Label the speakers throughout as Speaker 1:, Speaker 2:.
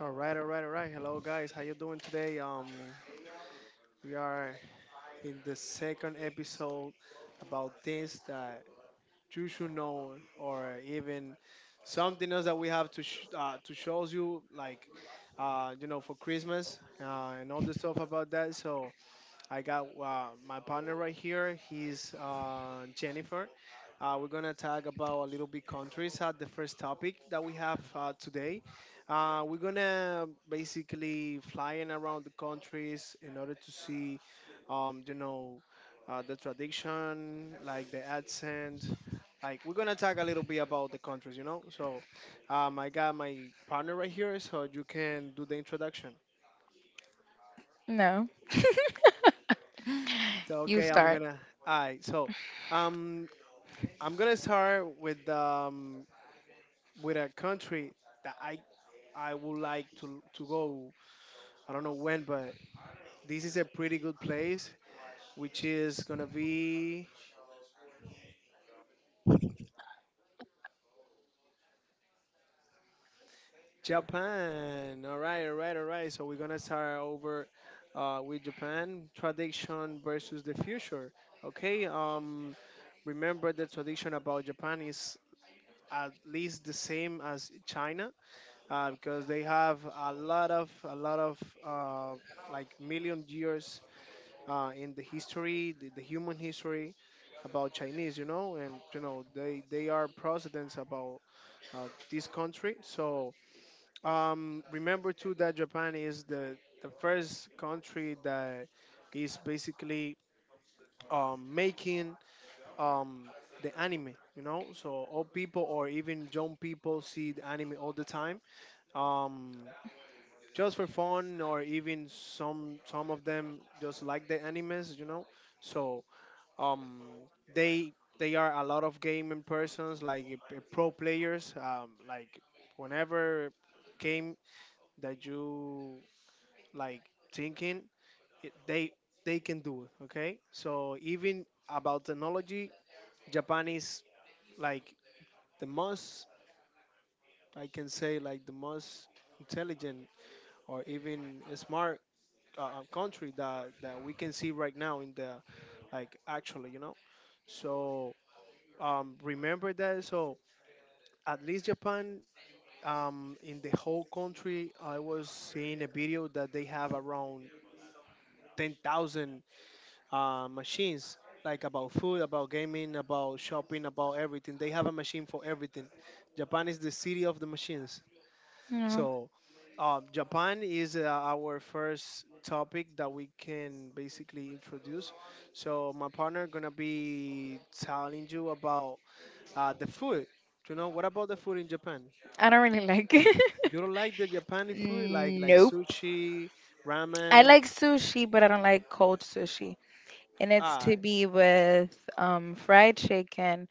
Speaker 1: All right, all right, all right. Hello, guys. How you doing today? We are in the second episode about things that you should know, or even something else that we have to to shows you, like you know, for Christmas and all the stuff about that. So I got my partner right here. He's Jennifer. We're gonna talk about a little bit countries. The first topic that we have today, we're gonna basically flying around the countries in order to see, um, you know, the tradition, like the accent. Like we're gonna talk a little bit about the countries, So, I got my partner right here, so you can do the introduction.
Speaker 2: No.
Speaker 1: So,
Speaker 2: You
Speaker 1: okay, I'm
Speaker 2: start.
Speaker 1: gonna. All right, so. Um, I'm gonna start with a country that I would like to go. I don't know when, but this is a pretty good place, which is gonna be Japan. All right, all right, all right. So we're gonna start over with Japan tradition versus the future. Okay. Remember the tradition about Japan is at least the same as China because they have a lot of uh, like million years in the history, the human history about Chinese, you know, and you know they are presidents about this country. So remember too that Japan is the first country that is basically making um, the anime, you know, so all people or even young people see the anime all the time. Um, just for fun or even some of them just like the animes, you know. So um they they are a lot of gaming persons, like pro players, like whenever game that you like thinking it, they can do it. Okay, so even about technology, Japan is like the most, I can say like the most intelligent or even smart country that we can see right now in the, like actually, you know. So remember that. So at least Japan, in the whole country, I was seeing a video that they have around 10,000 machines, like about food, about gaming, about shopping, about everything. They have a machine for everything. Japan is the city of the machines.
Speaker 2: No.
Speaker 1: So, Japan is our first topic that we can basically introduce. So, my partner gonna be telling you about the food. You know, what about the food in Japan?
Speaker 2: I don't really like it.
Speaker 1: You don't like the Japanese food, like
Speaker 2: Nope.
Speaker 1: sushi,
Speaker 2: I
Speaker 1: ramen.
Speaker 2: like sushi, but I don't like cold sushi. And it's to
Speaker 1: Ah,
Speaker 2: be with fried chicken,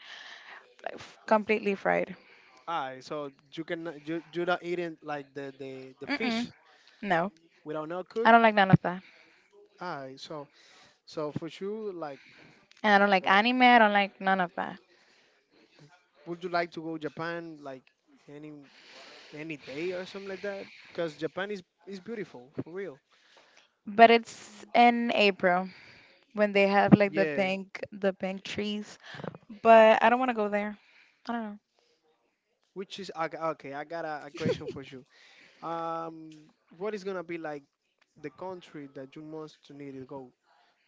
Speaker 2: like, completely fried.
Speaker 1: ah. So you can, you not eating like the
Speaker 2: Mm-mm,
Speaker 1: fish
Speaker 2: no,
Speaker 1: without no
Speaker 2: I
Speaker 1: cook.
Speaker 2: don't like none of that.
Speaker 1: Ah, so so for sure, like,
Speaker 2: And I don't like
Speaker 1: uh,
Speaker 2: anime. I don't like none of that.
Speaker 1: would you like to go Japan? Like any any day or something like that, because Japan is beautiful for real.
Speaker 2: But it's in April when they have like the
Speaker 1: Yeah,
Speaker 2: pink, the pink trees. But I don't want to go there. I don't know.
Speaker 1: which is okay. Okay, I got a question for you. What is gonna be like the country that you most to need to go?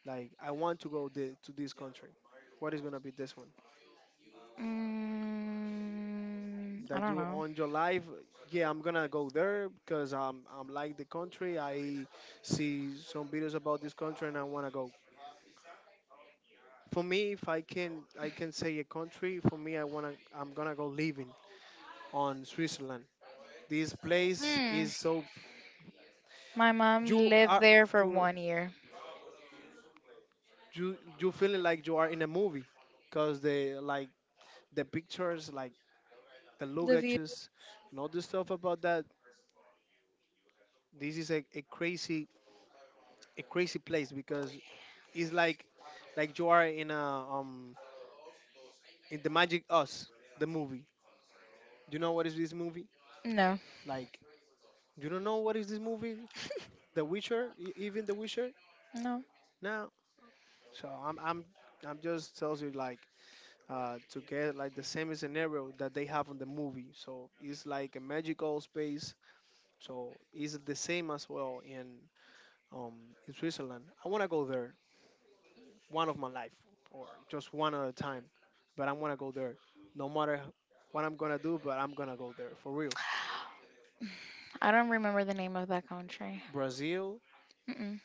Speaker 1: Like, I want to go the, to this country. What is gonna be this one
Speaker 2: Mm, I
Speaker 1: that
Speaker 2: don't
Speaker 1: you
Speaker 2: know.
Speaker 1: on your life? Yeah, I'm gonna go there because I'm like the country. I see some videos about this country and I wanna go. For me, if I can, I can say a country, for me I wanna, I'm gonna go living on Switzerland. This place
Speaker 2: Hmm.
Speaker 1: is so,
Speaker 2: My mom
Speaker 1: you
Speaker 2: lived
Speaker 1: are,
Speaker 2: there for
Speaker 1: you
Speaker 2: 1 year.
Speaker 1: you feeling like you are in a movie, cause the, like the pictures, like the
Speaker 2: The view?
Speaker 1: lugages and all the stuff about that. This is a crazy, a crazy place because it's like you are in a in the Magic Us, the movie. Do you know what is this movie?
Speaker 2: No,
Speaker 1: Like you don't know what is this movie? The Witcher, E- even The Witcher.
Speaker 2: no.
Speaker 1: No. So I'm just tells you, like to get like the same scenario that they have on the movie. So it's like a magical space. So it's the same as well um, in Switzerland. I want to go there one of my life or just one at a time, but I want to go there no matter what I'm gonna do. But I'm gonna go there for real.
Speaker 2: I don't remember the name of that country.
Speaker 1: Brazil
Speaker 2: Mm-mm.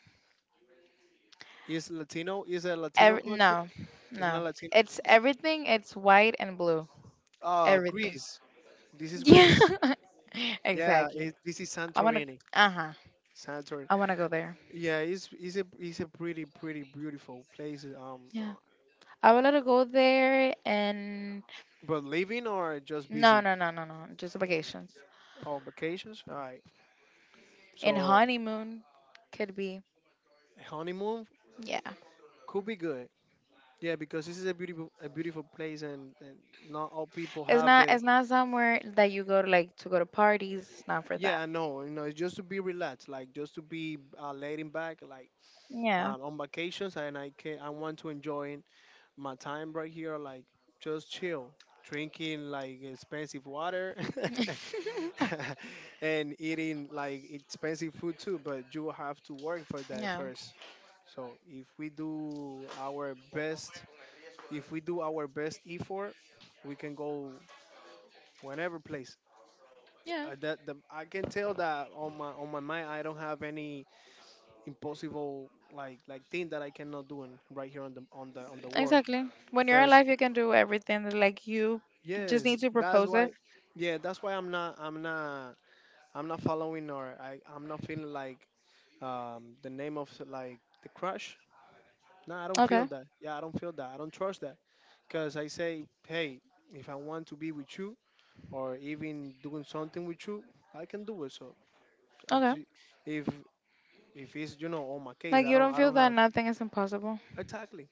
Speaker 1: is Latino. Is a Latino country.
Speaker 2: No,
Speaker 1: It's not
Speaker 2: no.
Speaker 1: Latino.
Speaker 2: It's everything. It's white and blue. Everything.
Speaker 1: Greece. This is
Speaker 2: Yeah,
Speaker 1: Greece. Yeah,
Speaker 2: exactly.
Speaker 1: it, this is
Speaker 2: I wanna,
Speaker 1: Santorini.
Speaker 2: uh huh.
Speaker 1: Santorini.
Speaker 2: I wanna go there.
Speaker 1: Yeah, it's a, it's a pretty pretty beautiful place.
Speaker 2: Yeah, I would love to go there and
Speaker 1: But living or just
Speaker 2: no,
Speaker 1: visit
Speaker 2: no, no, no, no, just vacations.
Speaker 1: on vacations. All right.
Speaker 2: And
Speaker 1: So
Speaker 2: honeymoon could be.
Speaker 1: honeymoon
Speaker 2: Yeah,
Speaker 1: could be good. Yeah, because this is a beautiful, a beautiful place, and not all people
Speaker 2: it's
Speaker 1: have
Speaker 2: not.
Speaker 1: the.
Speaker 2: It's not somewhere that you go to like to go to parties. It's not for that.
Speaker 1: Yeah, I know. You know, it's just to be relaxed, like just to be laying back, like
Speaker 2: Yeah.
Speaker 1: on vacations, and I can, I want to enjoy my time right here, like just chill, drinking like expensive water and eating like expensive food too, but you have to work for that
Speaker 2: Yeah,
Speaker 1: first. So if we do our best, if we do our best effort, we can go whenever place
Speaker 2: yeah,
Speaker 1: that the, I can tell that on my, on my mind I don't have any impossible, like thing that I cannot do in, right here on the, on the world.
Speaker 2: exactly. When you're alive, you can do everything, like you just
Speaker 1: Yes,
Speaker 2: need to
Speaker 1: that's
Speaker 2: propose it.
Speaker 1: why. Yeah, that's why I'm not. I'm not. I'm not following, or I. I'm not feeling like the name of like the crush. No, I don't feel
Speaker 2: Okay,
Speaker 1: that. Yeah, I don't feel that. I don't trust that, cause I say, hey, if I want to be with you or even doing something with you, I can do it. So, I
Speaker 2: okay.
Speaker 1: ju- if if it's, you know, on my case,
Speaker 2: Like
Speaker 1: I
Speaker 2: you
Speaker 1: don't.
Speaker 2: don't
Speaker 1: I
Speaker 2: feel
Speaker 1: don't
Speaker 2: that
Speaker 1: have,
Speaker 2: nothing is impossible.
Speaker 1: exactly.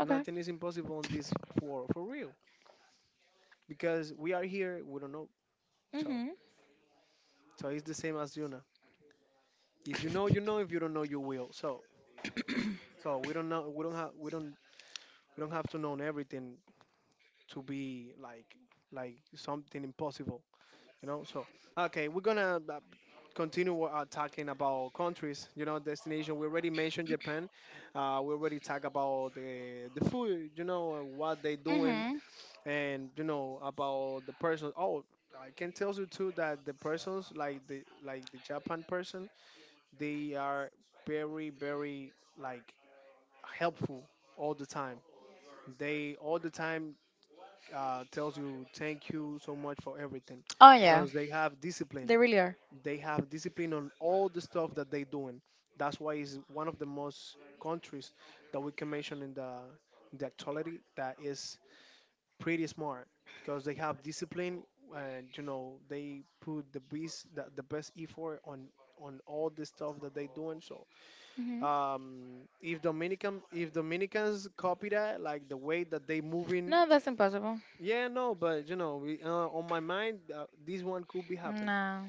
Speaker 2: Okay.
Speaker 1: Nothing is impossible in this, for real, because we are here. We don't know. So
Speaker 2: Mhm.
Speaker 1: so it's the same as you. If you know, you know. If you don't know, you will. So, so we don't know. We don't have. We don't. We don't have to know everything to be like something impossible. You know. So, okay, we're gonna continue talking about countries. You know, destination. We already mentioned Japan. We already talk about the food. You know, what they doing,
Speaker 2: Mhm.
Speaker 1: and you know about the person. Oh. I can tell you too that the persons, like the, like the Japan person, they are very very like helpful all the time. They all the time tells you thank you so much for everything
Speaker 2: Oh yeah,
Speaker 1: because they have
Speaker 2: they
Speaker 1: discipline.
Speaker 2: really are.
Speaker 1: They have discipline on all the stuff that they doing. That's why it's one of the most countries that we can mention in the, in the actuality, that is pretty smart because they have discipline, and you know they put the best, the best effort on all the stuff that they doing. So
Speaker 2: Hmm.
Speaker 1: if Dominicans copy that, like the way that they moving,
Speaker 2: No, that's impossible.
Speaker 1: yeah, no, but you know, we, on my mind, this one could be happen.
Speaker 2: No,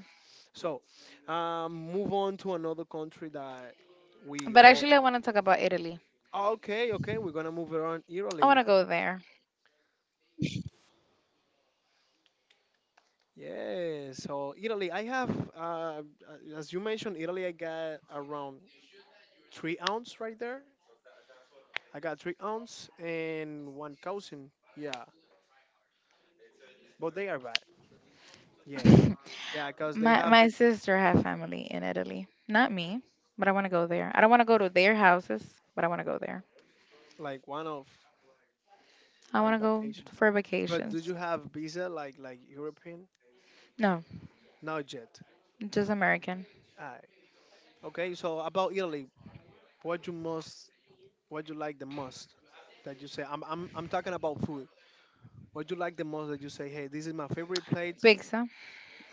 Speaker 1: So, move on to another country that we
Speaker 2: but
Speaker 1: all.
Speaker 2: actually, I want to talk about Italy.
Speaker 1: Okay, okay, we're gonna move around
Speaker 2: I want to
Speaker 1: Italy.
Speaker 2: go there.
Speaker 1: Yeah, so Italy, I have, as you mentioned, Italy, I got around 3 ounce right there. I got 3 ounce and one cousin. Yeah, but they are bad. Yeah, yeah, because they
Speaker 2: my
Speaker 1: have
Speaker 2: my
Speaker 1: the,
Speaker 2: sister have family in Italy, not me, but I want to go there. I don't want to go to their houses, but I want to go there.
Speaker 1: like one of,
Speaker 2: I
Speaker 1: like
Speaker 2: want to go
Speaker 1: vacation.
Speaker 2: for
Speaker 1: But do
Speaker 2: vacations.
Speaker 1: you have visa like European?
Speaker 2: No,
Speaker 1: Not yet.
Speaker 2: just American
Speaker 1: Aye. Okay. So about Italy, what you most, what you like the most that you say? I'm talking about food. What you like the most that you say? Hey, this is my favorite plate,
Speaker 2: pizza.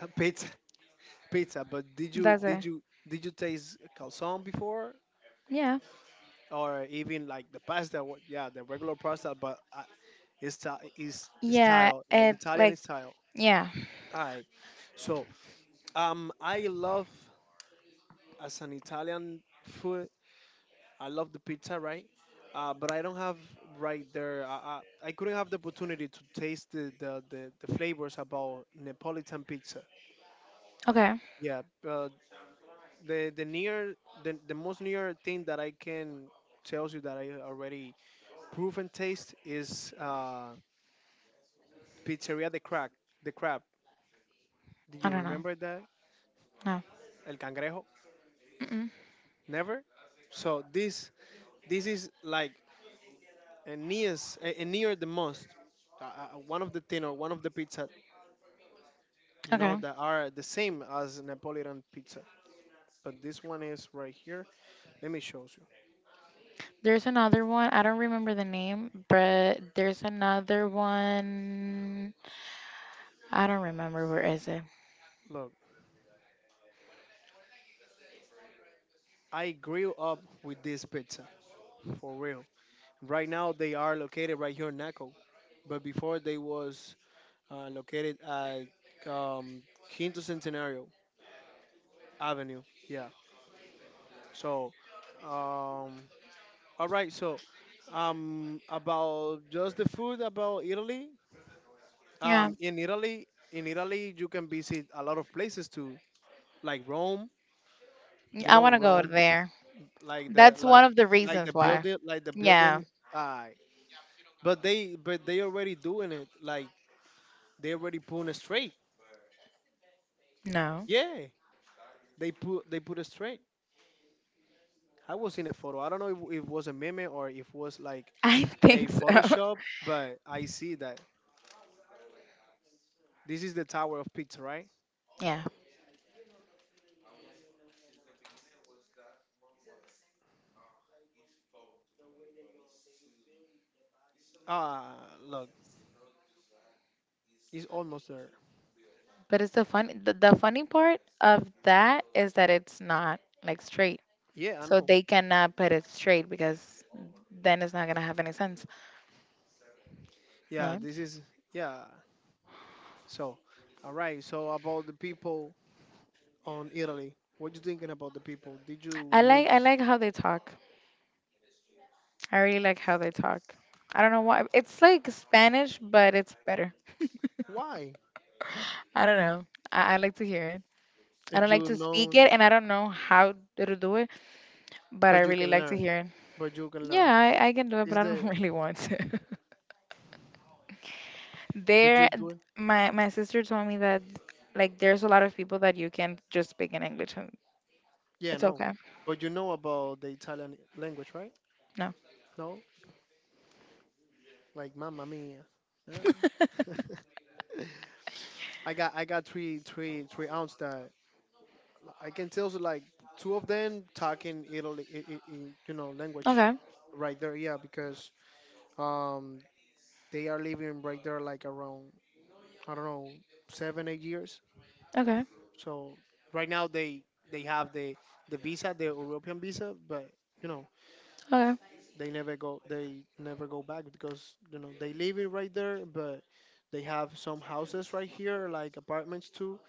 Speaker 1: pizza. Pizza. But did
Speaker 2: That's it.
Speaker 1: you taste calzone before,
Speaker 2: Yeah,
Speaker 1: or even like the pasta? Yeah, the regular pasta, but is
Speaker 2: yeah.
Speaker 1: style like
Speaker 2: It's
Speaker 1: Italian
Speaker 2: like,
Speaker 1: style.
Speaker 2: yeah.
Speaker 1: Aye. So I love, as an Italian food, I love the pizza, right? But I don't have right there. I couldn't have the opportunity to taste the, the flavors about Neapolitan pizza.
Speaker 2: Okay.
Speaker 1: Yeah, uh, the near, the most near thing that I can tells you that I already proven taste is Pizzeria de Crack, the Crab. Did
Speaker 2: I
Speaker 1: you
Speaker 2: don't know.
Speaker 1: remember that?
Speaker 2: No.
Speaker 1: El Cangrejo?
Speaker 2: Mm-mm.
Speaker 1: Never. So this is like Aeneas, Aeneas the most, one of the thin, or one of the pizza, you know,
Speaker 2: Okay.
Speaker 1: that are the same as Napolitan pizza. But this one is right here. Let me show you.
Speaker 2: There's another one. I don't remember the name, but there's another one. I don't remember where is it.
Speaker 1: Look, I grew up with this pizza, for real. Right now they are located right here in Naco, but before they was located at um, Quinto Centenario Avenue. Yeah. So, um, all right. So, about just the food about Italy.
Speaker 2: Yeah,
Speaker 1: In Italy, you can visit a lot of places too, like Rome. You
Speaker 2: I
Speaker 1: know,
Speaker 2: want to go
Speaker 1: Rome,
Speaker 2: there.
Speaker 1: like the
Speaker 2: That's
Speaker 1: like
Speaker 2: one of the
Speaker 1: like the
Speaker 2: reasons why.
Speaker 1: building, like the
Speaker 2: Yeah,
Speaker 1: building. Uh, but they already doing it. Like they already putting it straight.
Speaker 2: no.
Speaker 1: Yeah, they put it straight. I was in a photo. I don't know if it was a meme or if it was like
Speaker 2: I
Speaker 1: a
Speaker 2: think so.
Speaker 1: Photoshop, but I see that this is the Tower of Pizza, right?
Speaker 2: Yeah,
Speaker 1: Ah, look, it's almost there.
Speaker 2: but it's the funny part of that is that it's not like straight.
Speaker 1: Yeah, I
Speaker 2: So
Speaker 1: know.
Speaker 2: they cannot put it straight because then it's not gonna have any sense.
Speaker 1: Yeah,
Speaker 2: Yeah.
Speaker 1: this is yeah. So, all right. So about the people on Italy, what you thinking about the people? Did you
Speaker 2: I
Speaker 1: meet?
Speaker 2: like I like how they talk. I really like how they talk. I don't know why. It's like Spanish, but it's better.
Speaker 1: Why?
Speaker 2: I don't know. I like to hear it. I
Speaker 1: And
Speaker 2: don't like
Speaker 1: you
Speaker 2: to speak
Speaker 1: know,
Speaker 2: it, and I don't know how to do it, but I
Speaker 1: but you
Speaker 2: really
Speaker 1: can
Speaker 2: like to
Speaker 1: learn.
Speaker 2: hear it.
Speaker 1: But you can
Speaker 2: Yeah,
Speaker 1: learn.
Speaker 2: I can do it, but
Speaker 1: Is
Speaker 2: I don't
Speaker 1: the
Speaker 2: really want to.
Speaker 1: but
Speaker 2: there,
Speaker 1: you do it?
Speaker 2: my sister told me that like there's a lot of people that you can just speak in English, and
Speaker 1: Yeah,
Speaker 2: it's
Speaker 1: no.
Speaker 2: okay.
Speaker 1: But you know about the Italian language, right?
Speaker 2: No.
Speaker 1: No, like Mamma Mia. Nah. I got three aunts that I can tell you like two of them talking Italy in, you know, language
Speaker 2: Okay.
Speaker 1: right there, yeah, because um they are living right there like around, I don't know, 7 8 years.
Speaker 2: Okay.
Speaker 1: So right now they they have the visa, the European visa, but you know
Speaker 2: Okay.
Speaker 1: they never go back because you know they live it right there, but they have some houses right here like apartments too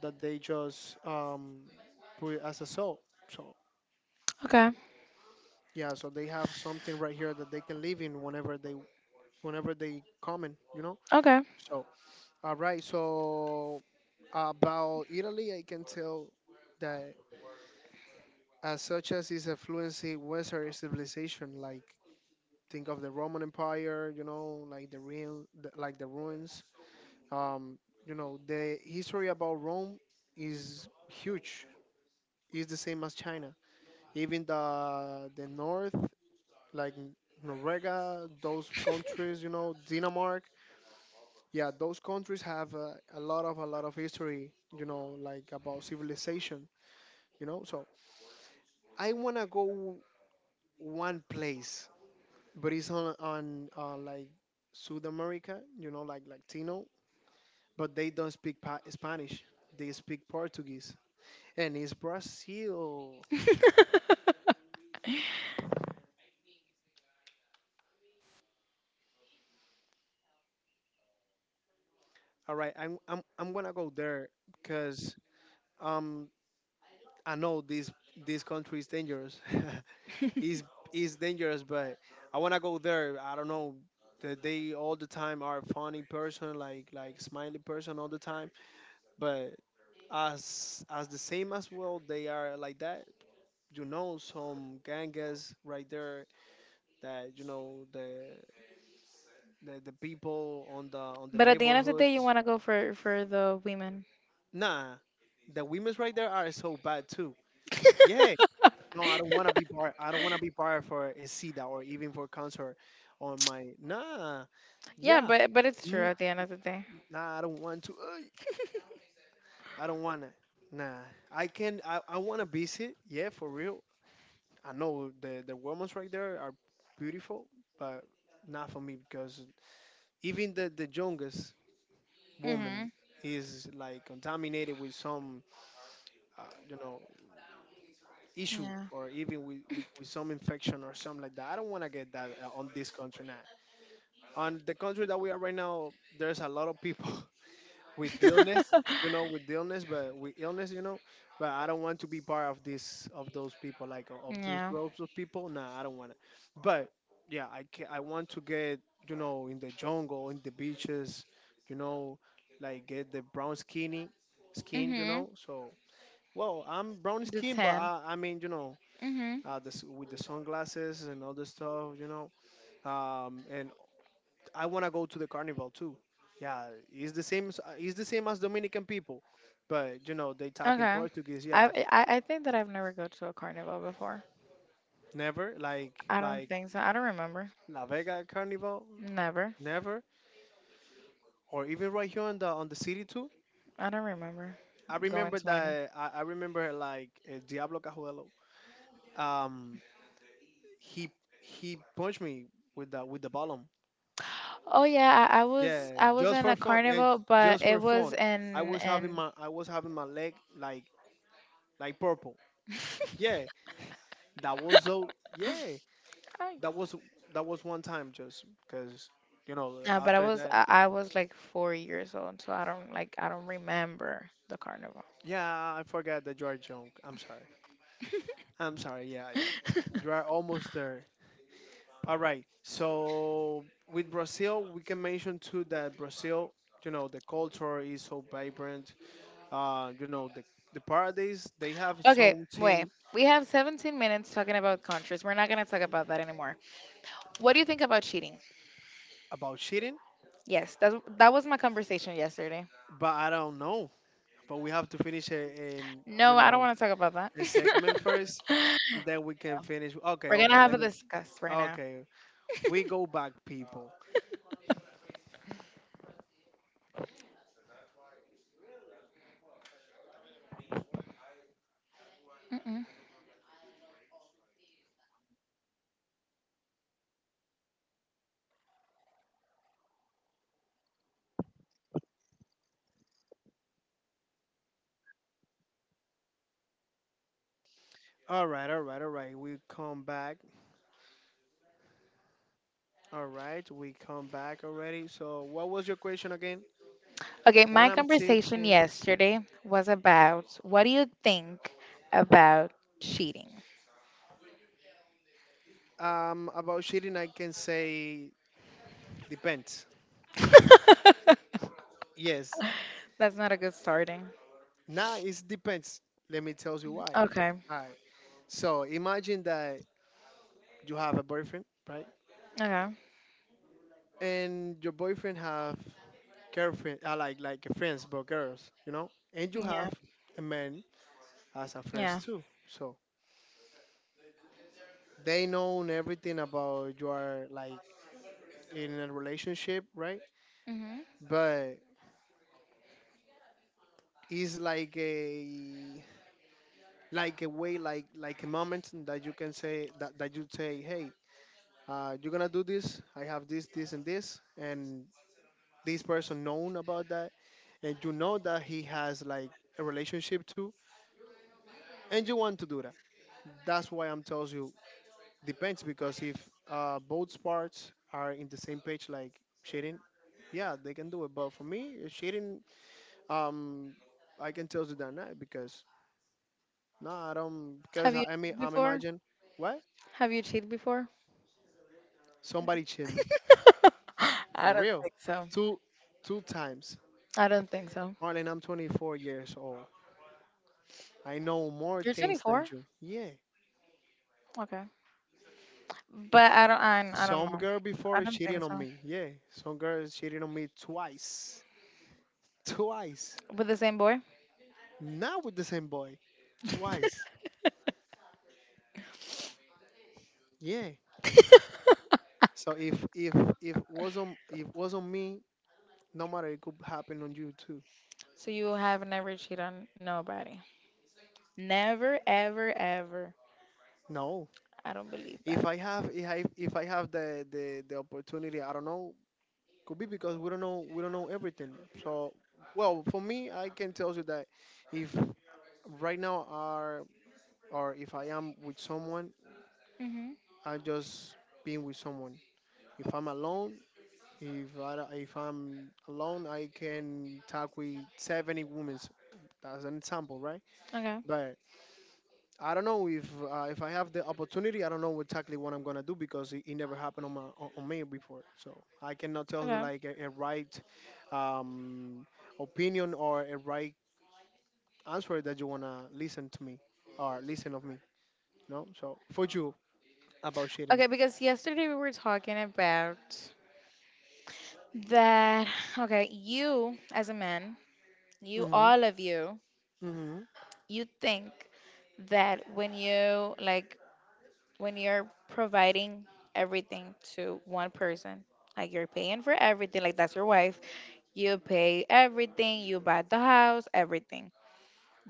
Speaker 1: that they just put as a sole. So
Speaker 2: Okay.
Speaker 1: yeah, so they have something right here that they can live in whenever they come in, you know.
Speaker 2: Okay.
Speaker 1: So all right, so about Italy, I can tell that as such as is a fluency Western civilization, like think of the Roman Empire, you know, like the real, the, like the ruins. Um, you know, the history about Rome is huge. It's the same as China. Even the north, like Norega, those countries, you know, Denmark. Yeah, those countries have a lot of history. You know, like about civilization. You know, so I wanna go one place, but it's on like South America, you know, like Latino, but they don't speak Spanish. They speak Portuguese, and it's Brazil. All right, I'm gonna go there because um I know this country is dangerous. it's it's dangerous, but I wanna go there. I don't know. That They all the time are funny person, like smiley person all the time, but as the same as well they are like that, you know, some gangas right there that you know the, people on the
Speaker 2: But at the end of the day, you
Speaker 1: neighborhoods.
Speaker 2: want to go for the women.
Speaker 1: Nah, the women's right there are so bad too. Yeah. No, I don't want to be part for a sida or even for concert on my, nah.
Speaker 2: Yeah,
Speaker 1: Yeah.
Speaker 2: but it's true
Speaker 1: Mm,
Speaker 2: at the end of the day.
Speaker 1: nah I don't want to Ay, I don't want to. Nah. I want to visit, yeah, for real. I know the women's right there are beautiful, but not for me because even the youngest
Speaker 2: Mhm.
Speaker 1: woman is like contaminated with some you know, issue
Speaker 2: Yeah.
Speaker 1: or even with some infection or something like that. I don't want to get that on this country now. On the country that we are right now, there's a lot of people with the illness, you know, with the illness, but with illness, you know, but I don't want to be part of this of those people, like of those
Speaker 2: Yeah.
Speaker 1: groups of people. Nah, I don't want to. But yeah, I want to get, you know, in the jungle, in the beaches, you know, like get the brown skinny skin, you
Speaker 2: Mhm.
Speaker 1: know. So well, I'm brown
Speaker 2: The
Speaker 1: skin, but
Speaker 2: ten.
Speaker 1: I mean, you know.
Speaker 2: Mhm.
Speaker 1: This, with the sunglasses and all the stuff, you know, and I want to go to the carnival too. Yeah, it's the same. It's the same as Dominican people, but you know they talk in
Speaker 2: Okay.
Speaker 1: Portuguese.
Speaker 2: I,
Speaker 1: Yeah,
Speaker 2: I I think that I've never go to a carnival before.
Speaker 1: never like
Speaker 2: I don't think so. I don't remember.
Speaker 1: La Vega Carnival,
Speaker 2: Never.
Speaker 1: never, or even right here on the city too.
Speaker 2: I don't remember
Speaker 1: I
Speaker 2: going
Speaker 1: remember
Speaker 2: to any.
Speaker 1: that I remember like Diablo Cajuelo. Um, he he punched me with the bottom.
Speaker 2: Oh yeah, I, I was
Speaker 1: Yeah,
Speaker 2: I was
Speaker 1: just
Speaker 2: in
Speaker 1: for
Speaker 2: a
Speaker 1: fun and
Speaker 2: carnival, but
Speaker 1: just
Speaker 2: it
Speaker 1: for
Speaker 2: was
Speaker 1: fun.
Speaker 2: in in.
Speaker 1: I was having my leg like purple. Yeah, that was so yeah. That was that
Speaker 2: Oh,
Speaker 1: was one time just because you know
Speaker 2: nah, but I
Speaker 1: after
Speaker 2: was
Speaker 1: that,
Speaker 2: I, I was like 4 years old, so I don't remember the carnival.
Speaker 1: yeah, I forgot the you are. I'm sorry, I'm sorry. Yeah, yeah, you are almost there. All right, so with Brazil we can mention too that Brazil, you know, the culture is so vibrant. You know, the paradise they have
Speaker 2: Okay, wait.
Speaker 1: something
Speaker 2: We have 17 minutes talking about countries. We're not gonna talk about that anymore. What do you think about cheating?
Speaker 1: about cheating.
Speaker 2: Yes, that was my conversation yesterday.
Speaker 1: But I don't know, but we have to finish it in, you
Speaker 2: No, I don't
Speaker 1: know,
Speaker 2: want to talk about that.
Speaker 1: the segment first, and then we can finish. Okay,
Speaker 2: We're gonna
Speaker 1: okay,
Speaker 2: have
Speaker 1: let
Speaker 2: a
Speaker 1: me.
Speaker 2: discuss right now.
Speaker 1: Okay, we go back, people.
Speaker 2: Mm-mm.
Speaker 1: All right, all right, all right. We come back. All right, we come back already. So, what was your question again?
Speaker 2: Okay,
Speaker 1: When
Speaker 2: my
Speaker 1: I'm
Speaker 2: conversation
Speaker 1: thinking,
Speaker 2: yesterday was about, what do you think about cheating?
Speaker 1: about cheating, I can say depends. Yes,
Speaker 2: That's not a good starting.
Speaker 1: now it depends. Let me tell you why.
Speaker 2: Okay.
Speaker 1: All right. So imagine that you have a boyfriend, right?
Speaker 2: Okay.
Speaker 1: And your boyfriend have girlfriend, like friends, but girls, you know. And you
Speaker 2: Yeah.
Speaker 1: have a man as a friends
Speaker 2: Yeah.
Speaker 1: too. So they know everything about you are like in a relationship, right?
Speaker 2: Hmm.
Speaker 1: But it's like a way like a moment that you can say that you say, hey, you're gonna do this. I have this, this, and this, and this person known about that, and you know that he has like a relationship too, and you want to do that. That's why I'm tells you depends, because if both parts are in the same page, like shading, yeah, they can do it. But for me, shading, um, I can tell you that now because no, I don't because
Speaker 2: Have you
Speaker 1: I mean
Speaker 2: cheated
Speaker 1: I'm
Speaker 2: before?
Speaker 1: imagine what
Speaker 2: Have you cheated before?
Speaker 1: somebody cheat me for
Speaker 2: I don't
Speaker 1: real,
Speaker 2: think so.
Speaker 1: two two times.
Speaker 2: I don't think so.
Speaker 1: Marlon, I'm 24 years old. I know more
Speaker 2: You're
Speaker 1: things than
Speaker 2: 24?
Speaker 1: you. Yeah,
Speaker 2: Okay. But I don't
Speaker 1: some
Speaker 2: know.
Speaker 1: girl
Speaker 2: I
Speaker 1: before is
Speaker 2: don't
Speaker 1: cheating
Speaker 2: think
Speaker 1: on
Speaker 2: so.
Speaker 1: me. Yeah, some girl is cheating on me twice, twice.
Speaker 2: With the same boy?
Speaker 1: Not with the same boy, twice. Yeah. So if wasn't me, no matter it could happen on you too.
Speaker 2: So you have never cheated on nobody. Never ever ever.
Speaker 1: No.
Speaker 2: I don't believe
Speaker 1: If
Speaker 2: that.
Speaker 1: I have if I have the opportunity, I don't know. Could be because we don't know everything. So well, for me, I can tell you that if right now are or if I am with someone,
Speaker 2: Hmm.
Speaker 1: I just being with someone. If I'm alone, if I'm alone, I can talk with 70 women. That's an example, right?
Speaker 2: Okay.
Speaker 1: But. I don't know if I have the opportunity. I don't know exactly what I'm gonna do because it never happened on my on me before. So I cannot tell you
Speaker 2: Okay.
Speaker 1: like a right um, opinion or a right answer that you wanna listen to me or listen of me. You know. So for you about cheating.
Speaker 2: Okay, because yesterday we were talking about that. Okay, you as a man, you
Speaker 1: Hmm.
Speaker 2: all of you
Speaker 1: Hmm.
Speaker 2: you think that when you're providing everything to one person, like you're paying for everything, like that's your wife, you pay everything, you buy the house, everything,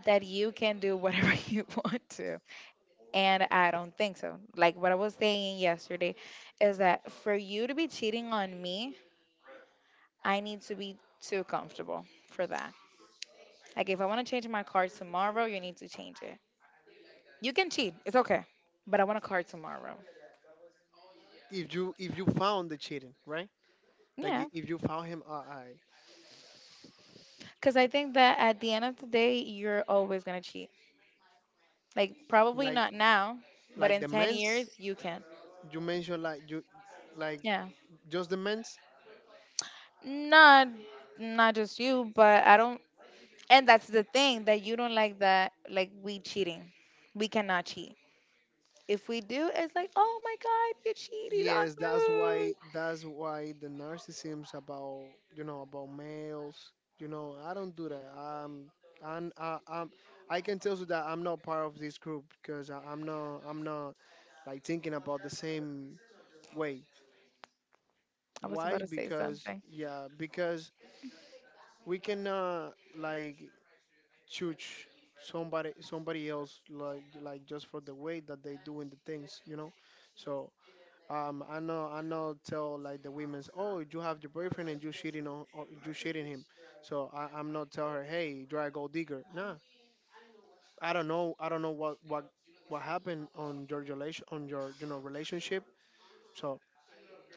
Speaker 2: that you can do whatever you want to. And I don't think so. Like what I was saying yesterday is that for you to be cheating on me, I need to be too comfortable for that. Like if I want to change my car tomorrow, you need to change it. You can cheat, it's okay, but I want a car tomorrow.
Speaker 1: If you found the cheating, right? Like
Speaker 2: Yeah,
Speaker 1: if you found him, I
Speaker 2: because I think that at the end of the day, you're always gonna cheat. Like probably
Speaker 1: like
Speaker 2: not now, but in
Speaker 1: the
Speaker 2: ten
Speaker 1: men's
Speaker 2: years, you can.
Speaker 1: you mentioned, like you, like
Speaker 2: Yeah,
Speaker 1: just the men.
Speaker 2: not not just you, but I don't. And that's the thing that you don't like that. Like we cheating, we cannot cheat. If we do, it's like, oh my God, you cheated on
Speaker 1: Yes, that's
Speaker 2: me.
Speaker 1: why the narcissism's about, you know, about males. You know, I don't do that. I'm, I can tell you that I'm not part of this group because I'm not like thinking about the same way.
Speaker 2: I was about
Speaker 1: Why?
Speaker 2: to say
Speaker 1: Because
Speaker 2: something.
Speaker 1: yeah, because we cannot like judge somebody else like just for the way that they doing the things. You know, so I know, I know. Tell like the women's, oh, you have your boyfriend and you cheating on, or you cheating him. So I'm not tell her, hey, you're a gold digger. Nah, I don't know. I don't know what happened on your relation on your, you know, relationship. So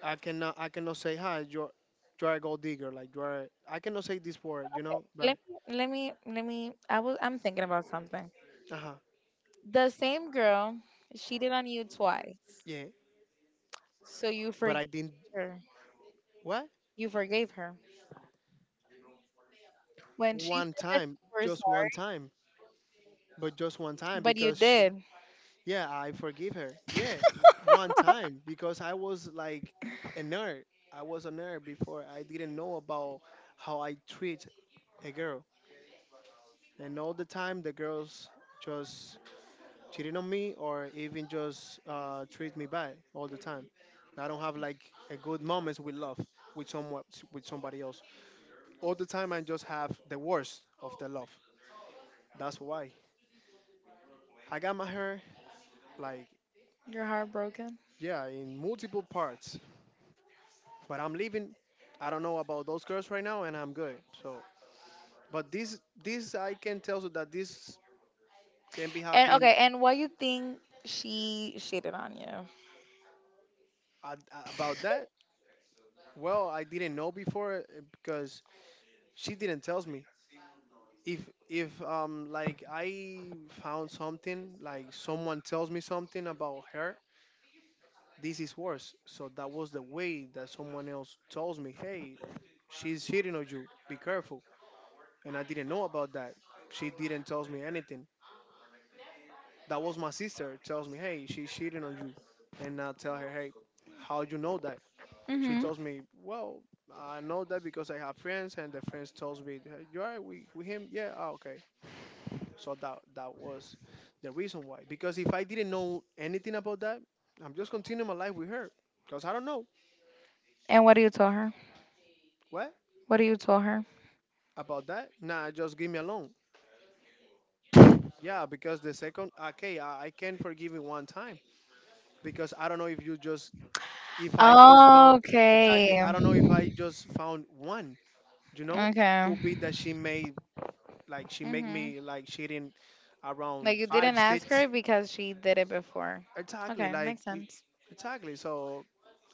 Speaker 1: I cannot say hi. You're a gold digger. Like you're, I cannot say this word. You know,
Speaker 2: Let
Speaker 1: but
Speaker 2: me, let me, let me. I was. I'm thinking about something.
Speaker 1: uh huh,
Speaker 2: The same girl cheated on you twice,
Speaker 1: yeah.
Speaker 2: so you
Speaker 1: But
Speaker 2: forgive
Speaker 1: I didn't,
Speaker 2: her.
Speaker 1: what,
Speaker 2: You forgave her. When she
Speaker 1: one
Speaker 2: said that
Speaker 1: time,
Speaker 2: you were
Speaker 1: just one
Speaker 2: sorry,
Speaker 1: time, but just one time
Speaker 2: but you
Speaker 1: because she,
Speaker 2: did.
Speaker 1: yeah, I forgive her. Yeah, one time because I was like a nerd. I was a nerd before. I didn't know about how I treat a girl, and all the time the girls just cheating on me or even just treat me bad all the time. I don't have like a good moments with love with someone with somebody else. All the time I just have the worst of the love. That's why I got my hair like
Speaker 2: You're heartbroken.
Speaker 1: yeah in multiple parts. But I'm leaving. I don't know about those girls right now, and I'm good. So, but this I can tell you that this can be
Speaker 2: And
Speaker 1: happening.
Speaker 2: okay, and why you think she cheated on you?
Speaker 1: About that. Well, I didn't know before because she didn't tells me. If if like I found something like someone tells me something about her, this is worse. So that was the way that someone else tells me, "Hey, she's cheating on you. Be careful." And I didn't know about that. She didn't tells me anything. That was my sister tells me, "Hey, she's cheating on you." And I tell her, "Hey, how you know that?" She
Speaker 2: Mhm.
Speaker 1: tells me, "Well, I know that because I have friends and the friends tells me, 'Hey, you alright with him? Yeah, okay.'" So that was the reason why. Because if I didn't know anything about that, I'm just continuing my life with her. Because I don't know.
Speaker 2: And what do you tell her?
Speaker 1: What?
Speaker 2: What do you tell her?
Speaker 1: About that? Nah, just give me alone. Yeah, because the second, okay, I can forgive you one time because I don't know if I just found exactly,
Speaker 2: Okay.
Speaker 1: I don't know if I just found one, you know, who
Speaker 2: Okay.
Speaker 1: beat that she made like she make
Speaker 2: Mhm.
Speaker 1: me like cheating
Speaker 2: Like
Speaker 1: around
Speaker 2: you
Speaker 1: five,
Speaker 2: didn't ask
Speaker 1: six,
Speaker 2: her because she did it before.
Speaker 1: exactly,
Speaker 2: Okay, makes sense.
Speaker 1: exactly. So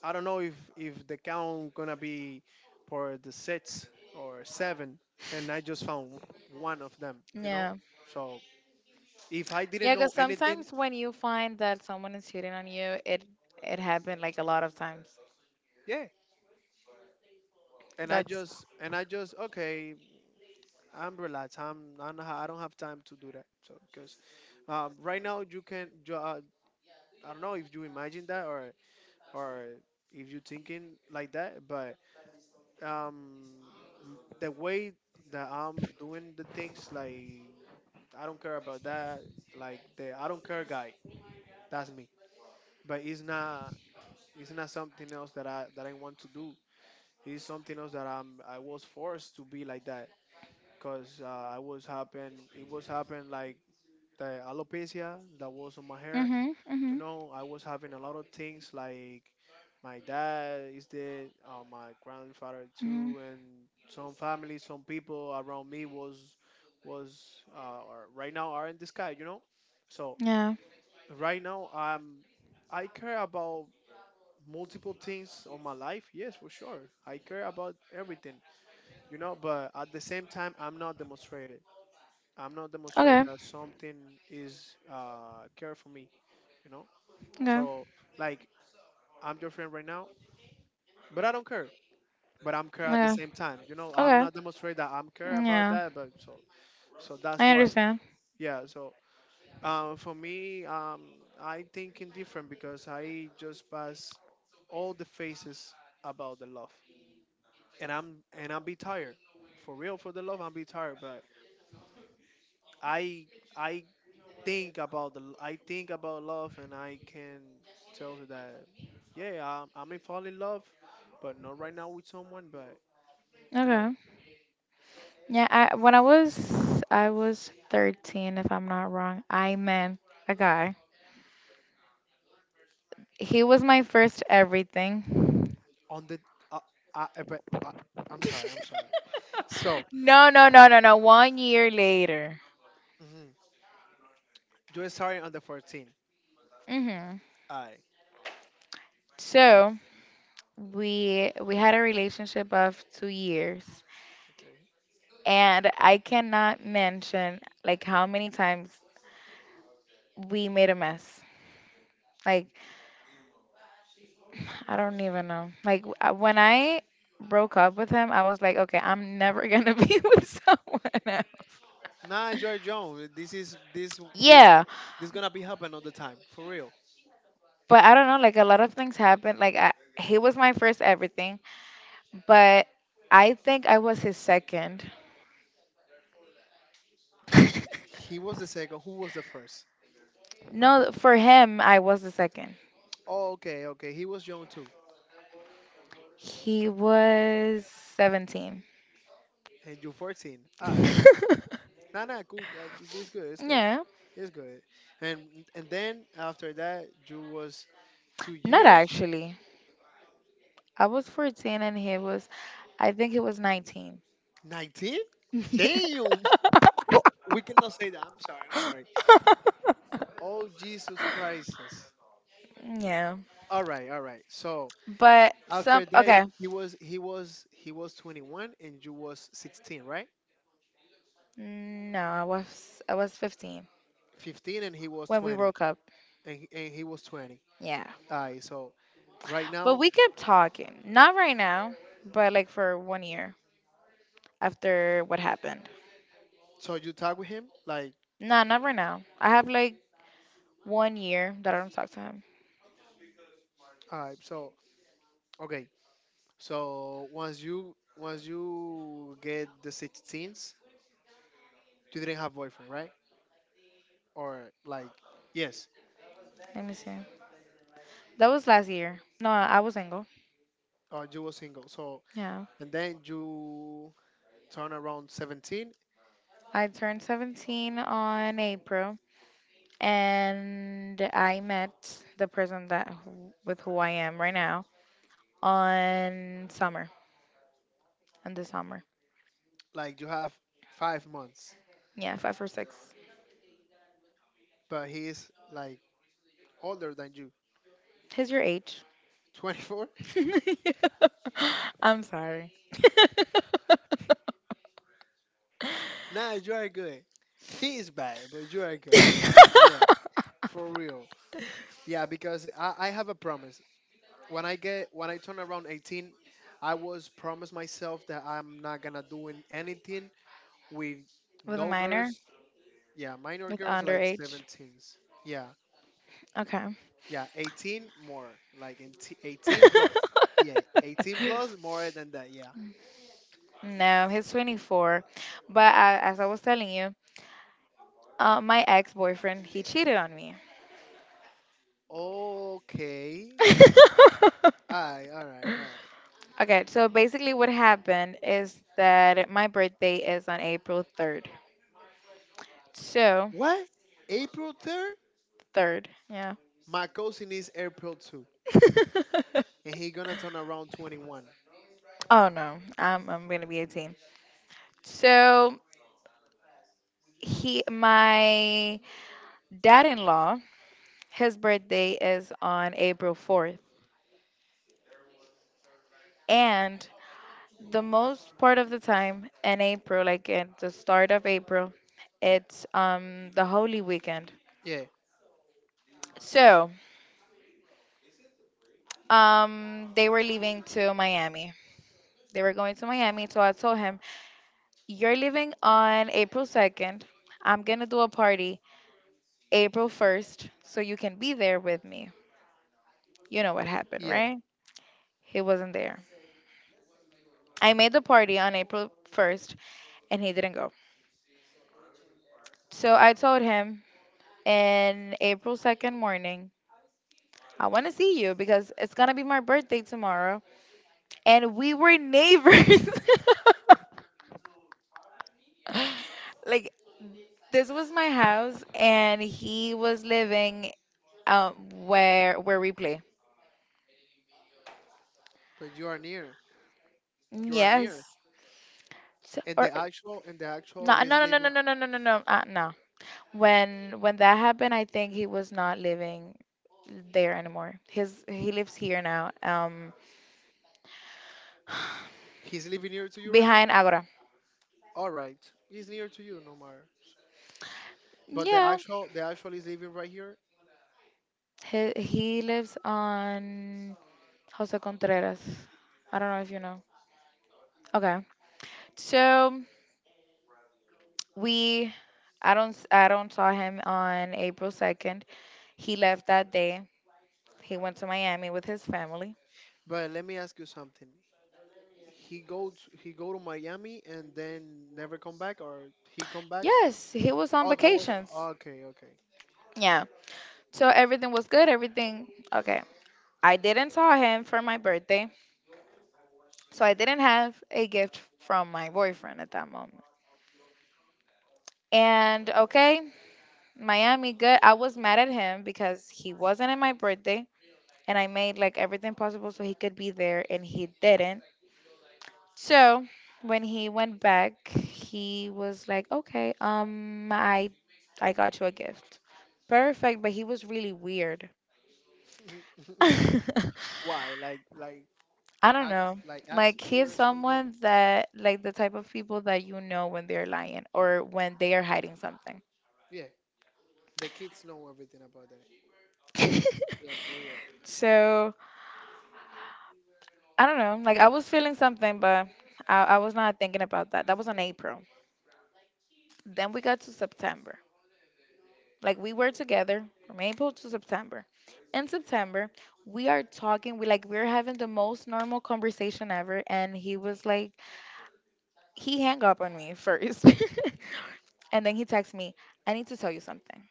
Speaker 1: I don't know if the count gonna be for the six or seven, and I just found one of them.
Speaker 2: Yeah.
Speaker 1: So if I didn't
Speaker 2: Yeah, because
Speaker 1: know anything,
Speaker 2: sometimes when you find that someone is cheating on you, it happened like a lot of times.
Speaker 1: yeah, and I
Speaker 2: That's.
Speaker 1: just okay, I'm relaxed. I'm I don't have time to do that. So because right now, you can. I don't know if you imagine that or if you thinking like that, but um, the way that I'm doing the things, like I don't care about that. Like the I don't care guy, that's me. But it's not. It's not something else that I want to do. It's something else that I'm. I was forced to be like that because I was happen. It was happen like the alopecia that was on my hair.
Speaker 2: Mhm. Mhm.
Speaker 1: I was having a lot of things like my dad is dead, my grandfather
Speaker 2: Mhm.
Speaker 1: too, and some family, some people around me was right now are in the sky. So
Speaker 2: Yeah.
Speaker 1: right now I care about multiple things on my life. Yes, for sure, I care about everything. But at the same time, I'm not demonstrated. I'm not demonstrated
Speaker 2: Okay.
Speaker 1: that something is care for me, you know.
Speaker 2: Okay.
Speaker 1: So like I'm your friend right now, but I don't care. But I'm care at the
Speaker 2: Okay.
Speaker 1: same time. You know, I'm
Speaker 2: Okay.
Speaker 1: not demonstrate that I'm care about
Speaker 2: Yeah.
Speaker 1: that. But so that's
Speaker 2: I
Speaker 1: why.
Speaker 2: understand.
Speaker 1: Yeah. So for me, I think indifferent because I just pass all the phases about the love, and I'll be tired. For real, for the love, I'll be tired. But I I think about love, and I can tell you that yeah, I'm in fall in love, but not right now with someone, but. You know,
Speaker 2: Okay. Yeah, I when I was 13 if I'm not wrong. I met a guy. He was my first everything.
Speaker 1: on the uh, uh, uh, but, uh, I'm sorry, I'm sorry. So
Speaker 2: No, no, no, no, no. 1 year later.
Speaker 1: mhm, you starting on the 14th.
Speaker 2: Mhm.
Speaker 1: I
Speaker 2: So, we had a relationship of 2 years.
Speaker 1: Okay.
Speaker 2: And I cannot mention like how many times we made a mess. Like I don't even know. Like when I broke up with him, I was like, okay, I'm never gonna be with someone else.
Speaker 1: Nah, Joy Jones. This is this this
Speaker 2: Yeah,
Speaker 1: this gonna be happening all the time for real.
Speaker 2: but I don't know. Like a lot of things happened. Like he was my first everything, but I think I was his second.
Speaker 1: He was the second. Who was the first?
Speaker 2: No, for him, I was the second.
Speaker 1: Oh, okay, okay. He was young too,
Speaker 2: He was 17.
Speaker 1: and you 14. Aye. Nah, nah, cool. It's good. It's good.
Speaker 2: Yeah,
Speaker 1: It's good. And and then after that, you was two
Speaker 2: not
Speaker 1: years,
Speaker 2: actually. I was 14 and he was, I think he was 19.
Speaker 1: 19.
Speaker 2: Yeah.
Speaker 1: Damn. Bro, we cannot say that. I'm sorry. I'm sorry. Oh, Jesus Christ.
Speaker 2: Yeah,
Speaker 1: All right, all right. So
Speaker 2: but some
Speaker 1: after that,
Speaker 2: okay.
Speaker 1: he was 21 and you was 16, right?
Speaker 2: No, I was 15
Speaker 1: 15 and he was
Speaker 2: when we
Speaker 1: 20,
Speaker 2: broke up.
Speaker 1: and he was 20.
Speaker 2: Yeah,
Speaker 1: All right. So right
Speaker 2: but
Speaker 1: now,
Speaker 2: we kept talking. Not right now, but like for 1 year after what happened.
Speaker 1: so you talk with him like
Speaker 2: Nah, not right now. I have like 1 year that I don't talk to him.
Speaker 1: all right. So okay. So once you get the 16s, you didn't have boyfriend, right? Or like yes,
Speaker 2: Let me see. That was last year. No, I was single.
Speaker 1: or you were single. So
Speaker 2: Yeah,
Speaker 1: and then you turn around 17.
Speaker 2: I turned 17 on April, and I met the person with who I am right now on summer, on the summer.
Speaker 1: Like you have 5 months,
Speaker 2: Yeah, five or six.
Speaker 1: but he's like older than you.
Speaker 2: He's your age.
Speaker 1: 24.
Speaker 2: Yeah. I'm sorry.
Speaker 1: Nah, you are good. He is bad, but you are good. Yeah, for real. Yeah, because I have a promise. When I turn around 18, I was promised myself that I'm not gonna doing anything with
Speaker 2: With a
Speaker 1: no
Speaker 2: minor,
Speaker 1: girls. Yeah, minor
Speaker 2: with
Speaker 1: girls like
Speaker 2: underage.
Speaker 1: 17s. Yeah,
Speaker 2: Okay.
Speaker 1: yeah, 18 more like 18 plus. Yeah, 18 plus more than that. Yeah,
Speaker 2: No, he's 24. But I, as I was telling you, my ex boyfriend he cheated on me.
Speaker 1: okay. All right, all right, all right.
Speaker 2: Okay, so basically what happened is that my birthday is on April 3rd. So.
Speaker 1: What? April 3rd?
Speaker 2: Third, yeah.
Speaker 1: My cousin is April 2nd, and he gonna turn around 21.
Speaker 2: Oh no, I'm gonna be 18. So he, my dad-in-law, his birthday is on April 4th, and the most part of the time in April, like at the start of April, it's the Holy Weekend.
Speaker 1: Yeah,
Speaker 2: So they were leaving to Miami. They were going to Miami, so I told him, "You're leaving on April 2nd. I'm gonna do a party April 1st so you can be there with me." You know what happened,
Speaker 1: yeah.
Speaker 2: right? He wasn't there. I made the party on April 1st and he didn't go. So I told him in April 2nd morning, I want to see you because it's going to be my birthday tomorrow. And we were neighbors. Like, this was my house and he was living, um, where we play.
Speaker 1: But you are near. You are near.
Speaker 2: Yes. So,
Speaker 1: And
Speaker 2: or
Speaker 1: the actual
Speaker 2: no,
Speaker 1: is
Speaker 2: no, no, no, no,
Speaker 1: living.
Speaker 2: no, no, no, no, no, no. When that happened, I think he was not living there anymore. His he lives here now,
Speaker 1: He's living near to you right now.
Speaker 2: behind Agora.
Speaker 1: All right, he's near to you, no matter. But the
Speaker 2: Yeah,
Speaker 1: actual the actual is living right here.
Speaker 2: he lives on Jose Contreras. I don't know if you know. Okay, so we I don't saw him on April 2nd. He left that day, he went to Miami with his family.
Speaker 1: But let me ask you something. He go to Miami and then never come back, or he come back?
Speaker 2: Yes, he was on
Speaker 1: Oh, that was
Speaker 2: vacations.
Speaker 1: okay, okay.
Speaker 2: Yeah, so everything was good, everything okay. I didn't saw him for my birthday, so I didn't have a gift from my boyfriend at that moment. And okay, Miami good. I was mad at him because he wasn't at my birthday and I made like everything possible so he could be there and he didn't. So, when he went back, he was like, "Okay, I got you a gift." Perfect, but he was really weird.
Speaker 1: Why? Like
Speaker 2: I don't
Speaker 1: act
Speaker 2: know.
Speaker 1: act
Speaker 2: Like he's
Speaker 1: weird or something like
Speaker 2: someone that like the type of people that you know when they're lying or when they are hiding something.
Speaker 1: yeah. The kids know everything about that. Yeah, for real.
Speaker 2: So I don't know. Like I was feeling something, but I was not thinking about that. That was on April. Then we got to September. Like we were together from April to September. In September, we are talking. We we're having the most normal conversation ever, and he was like he hung up on me first, and then he texts me, "I need to tell you something."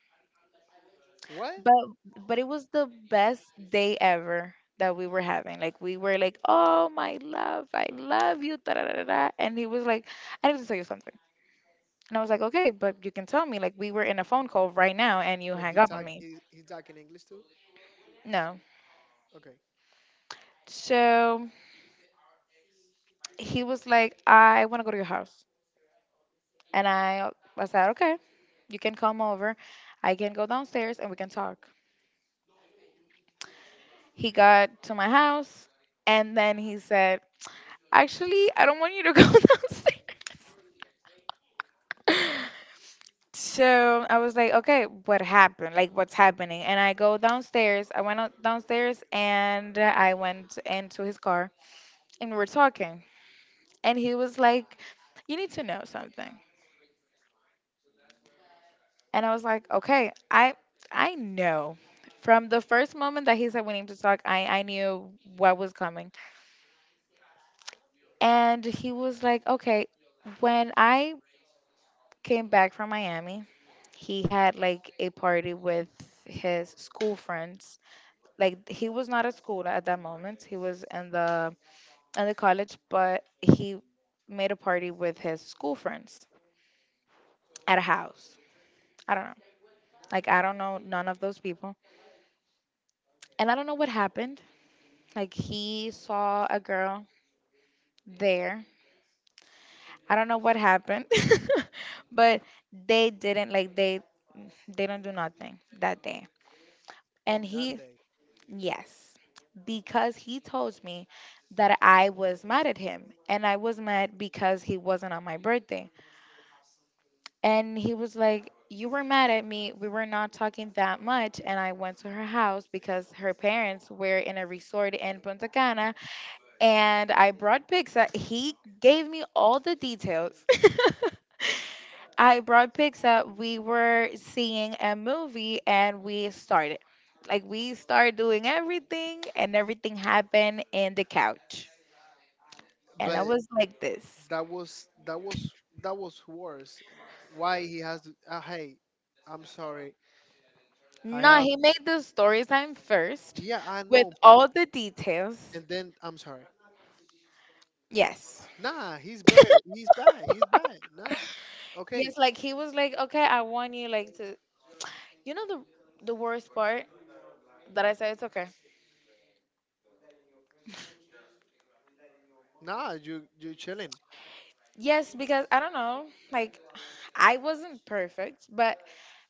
Speaker 1: What?
Speaker 2: but but it was the best day ever that we were having. Like we were like, "Oh my love, I love you. Da, da, da, da, da." And he was like, "I need to tell you something." And I was like, "Okay, but you can tell me. Like we were in a phone call right now, and you
Speaker 1: But he
Speaker 2: hang up
Speaker 1: talk
Speaker 2: on me."
Speaker 1: he he talk in English too?
Speaker 2: No.
Speaker 1: Okay.
Speaker 2: So he was like, "I want to go to your house," and I said, "Okay, you can come over. I can go downstairs and we can talk." He got to my house, and then he said, "Actually, I don't want you to go downstairs." So I was like, okay, what happened? Like, what's happening? And I go downstairs. I went out downstairs and I went into his car and we were talking. And he was like, you need to know something. And I was like, okay, I know. From the first moment that he said we need to talk, I knew what was coming. And he was like, okay, when I came back from Miami, he had like a party with his school friends. Like he was not at school at that moment. He was in the college, but he made a party with his school friends at a house. I don't know. Like I don't know none of those people and I don't know what happened. Like he saw a girl there. I don't know what happened. But they didn't like they don't do nothing that day. And
Speaker 1: On that
Speaker 2: he
Speaker 1: day.
Speaker 2: yes, because he told me that I was mad at him and I was mad because he wasn't on my birthday. And he was like, you were mad at me. We were not talking that much. And I went to her house because her parents were in a resort in Punta Cana and I brought pizza. He gave me all the details. I brought Pixar. We were seeing a movie and we started. Like we started doing everything and everything happened in the couch. And I
Speaker 1: But
Speaker 2: was like this.
Speaker 1: that was that was that was worse. Why he has to hey, I'm sorry. I
Speaker 2: No,
Speaker 1: have
Speaker 2: he made the story time first
Speaker 1: yeah, I
Speaker 2: with
Speaker 1: know, but
Speaker 2: all the details.
Speaker 1: and then I'm sorry.
Speaker 2: Yes.
Speaker 1: Nah, he's better. He's bad. He's bad. Nah. Okay.
Speaker 2: Yes, like he was like, okay, I want you like to you know the worst part that I said it's okay.
Speaker 1: Nah, you chilling.
Speaker 2: Yes, because I don't know, like I wasn't perfect, but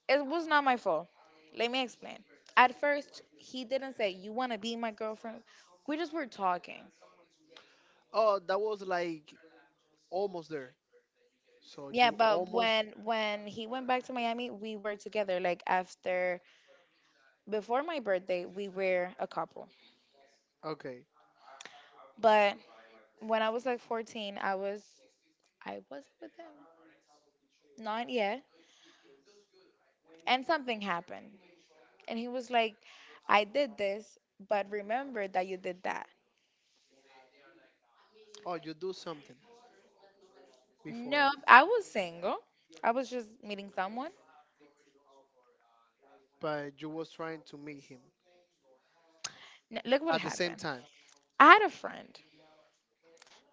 Speaker 2: it was not my fault. Let me explain. At first, he didn't say, "You want to be my girlfriend?" We just were talking.
Speaker 1: Oh, that was like almost there. So
Speaker 2: Yeah,
Speaker 1: you
Speaker 2: but
Speaker 1: almost
Speaker 2: when he went back to Miami, we were together. Like after before my birthday, we were a couple.
Speaker 1: okay.
Speaker 2: But when I was like 14, I was with him. Not yet. And something happened. And he was like, "I did this, but remember that you did that."
Speaker 1: Oh, you do something before,
Speaker 2: No, I was single. I was just meeting someone.
Speaker 1: but you was trying to meet him
Speaker 2: Look what
Speaker 1: at the same
Speaker 2: happened.
Speaker 1: time.
Speaker 2: I had a friend.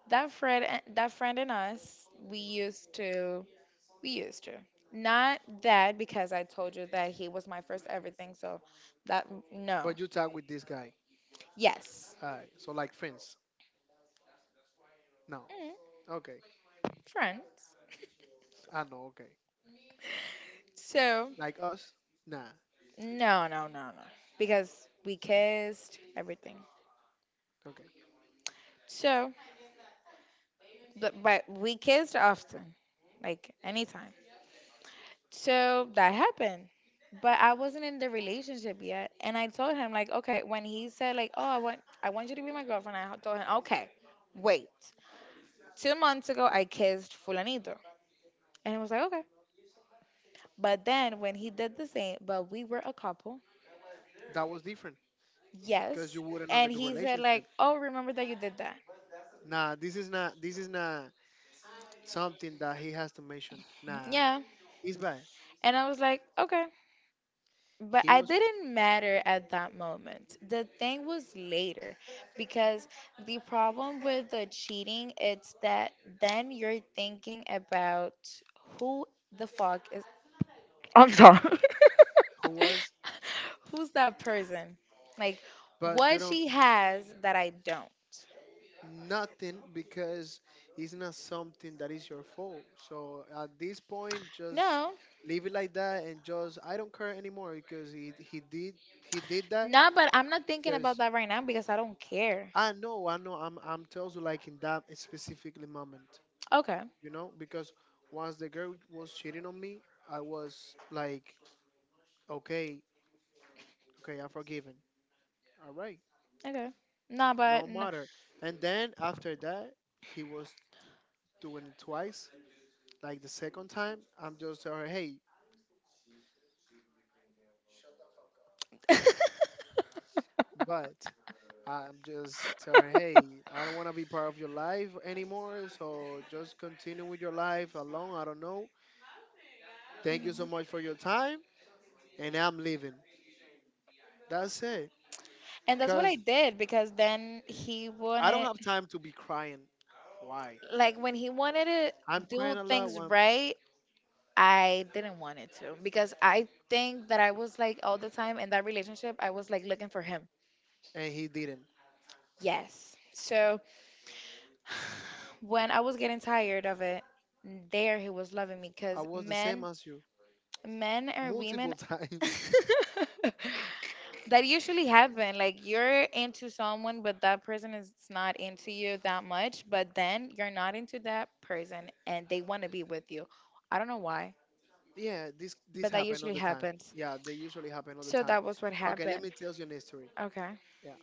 Speaker 2: That friend, that friend and us, we used to. Not that because I told you that he was my first everything. So that no,
Speaker 1: But you talk with this guy.
Speaker 2: yes,
Speaker 1: Alright, so like friends. No.
Speaker 2: mm,
Speaker 1: Okay.
Speaker 2: friends.
Speaker 1: I know. Okay.
Speaker 2: So
Speaker 1: Like us? Nah.
Speaker 2: no, no, no, no, because we kissed everything.
Speaker 1: Okay.
Speaker 2: So, but we kissed often, like anytime. So that happened. But I wasn't in the relationship yet. And I told him, like, okay, when he said, like, oh, I want you to be my girlfriend, I told him, okay, wait. 2 months ago I kissed Fulanito. And he was like, okay. But then when he did the same, but we were a couple,
Speaker 1: That was different because
Speaker 2: yes.
Speaker 1: you wouldn't on the
Speaker 2: And he said, like,
Speaker 1: relationship.
Speaker 2: oh, remember that you did that.
Speaker 1: Nah. This is not. This is not something that he has to mention. Nah.
Speaker 2: Yeah.
Speaker 1: He's bad.
Speaker 2: And I was like, okay. But
Speaker 1: He
Speaker 2: I
Speaker 1: was.
Speaker 2: didn't matter at that moment. The thing was later because the problem with the cheating it's that then you're thinking about who the fuck is I'm sorry.
Speaker 1: Who was?
Speaker 2: Who's that person? Like
Speaker 1: But you
Speaker 2: what
Speaker 1: don't.
Speaker 2: she has that I don't.
Speaker 1: Nothing because it's not something that is your fault. So at this point, just
Speaker 2: No.
Speaker 1: leave it like that and just I don't care anymore because he did that
Speaker 2: Nah, but I'm not thinking about
Speaker 1: because
Speaker 2: that right now because I don't care.
Speaker 1: I know I'm tells you like in that specifically moment,
Speaker 2: Okay.
Speaker 1: you know, because once the girl was cheating on me, I was like, okay, okay, I'm forgiven. All right,
Speaker 2: Okay. Nah,
Speaker 1: no
Speaker 2: but no.
Speaker 1: matter. And then after that, he was doing it twice like the second time, I'm just tell her, hey, but I'm just telling, her, hey, I don't want to be part of your life anymore. So just continue with your life alone. I don't know. Thank you so
Speaker 2: Mhm.
Speaker 1: much for your time, and I'm leaving. That's it.
Speaker 2: And that's what I
Speaker 1: Cause
Speaker 2: did because then he
Speaker 1: I don't
Speaker 2: wanted,
Speaker 1: have time to be crying. Why?
Speaker 2: like, when he wanted to
Speaker 1: I'm
Speaker 2: do
Speaker 1: crying a lot,
Speaker 2: things
Speaker 1: when,
Speaker 2: right, I didn't want it to because I think that I was like all the time in that relationship, I was like looking for him.
Speaker 1: and he didn't.
Speaker 2: Yes. So when I was getting tired of it, there he was loving me
Speaker 1: I
Speaker 2: because
Speaker 1: was the same
Speaker 2: men,
Speaker 1: as you
Speaker 2: men or women,
Speaker 1: multiple times.
Speaker 2: that usually happen like you're into someone but that person is not into you that much but then you're not into that person and they want to be with you. I don't know why,
Speaker 1: Yeah, this
Speaker 2: but that
Speaker 1: happened all
Speaker 2: usually
Speaker 1: the time.
Speaker 2: happens.
Speaker 1: Yeah, they usually happen all the
Speaker 2: So
Speaker 1: time.
Speaker 2: that was what
Speaker 1: Okay, let
Speaker 2: happened.
Speaker 1: me tell you an history.
Speaker 2: Okay.
Speaker 1: Yeah,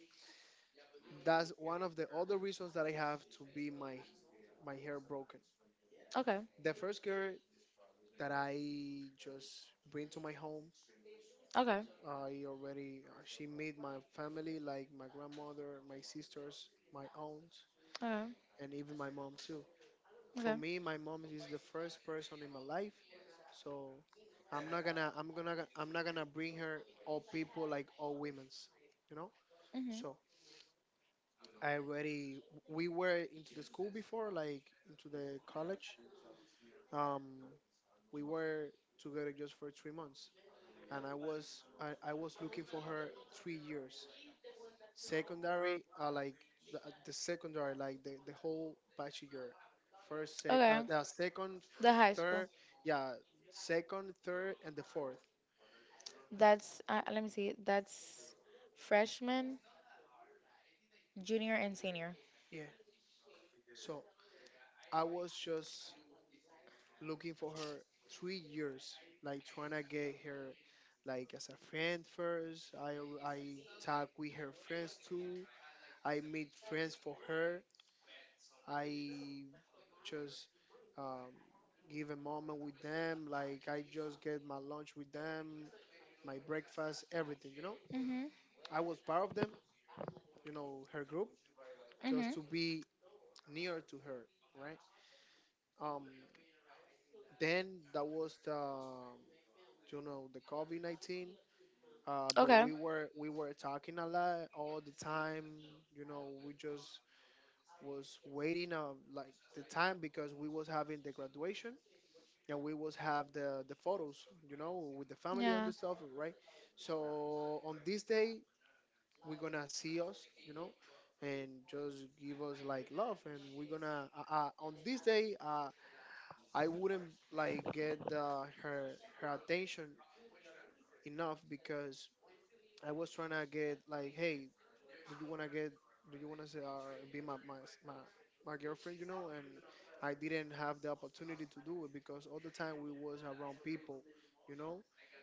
Speaker 1: that's one of the other reasons that I have to be my hair broken.
Speaker 2: Okay.
Speaker 1: The first girl that I just bring to my home,
Speaker 2: Okay.
Speaker 1: I already she made my family like my grandmother, my sisters, my aunt,
Speaker 2: Okay.
Speaker 1: and even my mom too. For
Speaker 2: Okay.
Speaker 1: me, my mom is the first person in my life, so I'm not gonna bring her all people like all women's, you know.
Speaker 2: Hmm.
Speaker 1: So I already we were into the school before, like into the college. Um, we were together just for 3 months. And I was looking for her 3 years. Secondary, like the secondary, like the whole bachelor, first,
Speaker 2: Okay.
Speaker 1: the second,
Speaker 2: The high school.
Speaker 1: third, yeah, second, third, and the fourth.
Speaker 2: That's let me see, that's freshman, junior and senior.
Speaker 1: Yeah. So I was just looking for her 3 years, like trying to get her, like as a friend first. I talk with her friends too. I made friends for her I just um, give a moment with them. Like I just get my lunch with them, my breakfast, everything. You know,
Speaker 2: Hmm.
Speaker 1: I was part of them. You know, her group,
Speaker 2: Hmm.
Speaker 1: just to be near to her, right? Um, then that was the you know the COVID-19. But
Speaker 2: Okay.
Speaker 1: we were talking a lot all the time. You know, we just was waiting like the time because we was having the graduation. Yeah, we was have the photos, with the family and
Speaker 2: Yeah.
Speaker 1: the stuff, right? So on this day, we're gonna see us, you know, and just give us like love, and we're gonna on this day, I wouldn't like get her attention enough because I was trying to get like, hey, do you wanna get do you wanna say, be my, my girlfriend, and I didn't have the opportunity to do it because all the time we was around people, you know.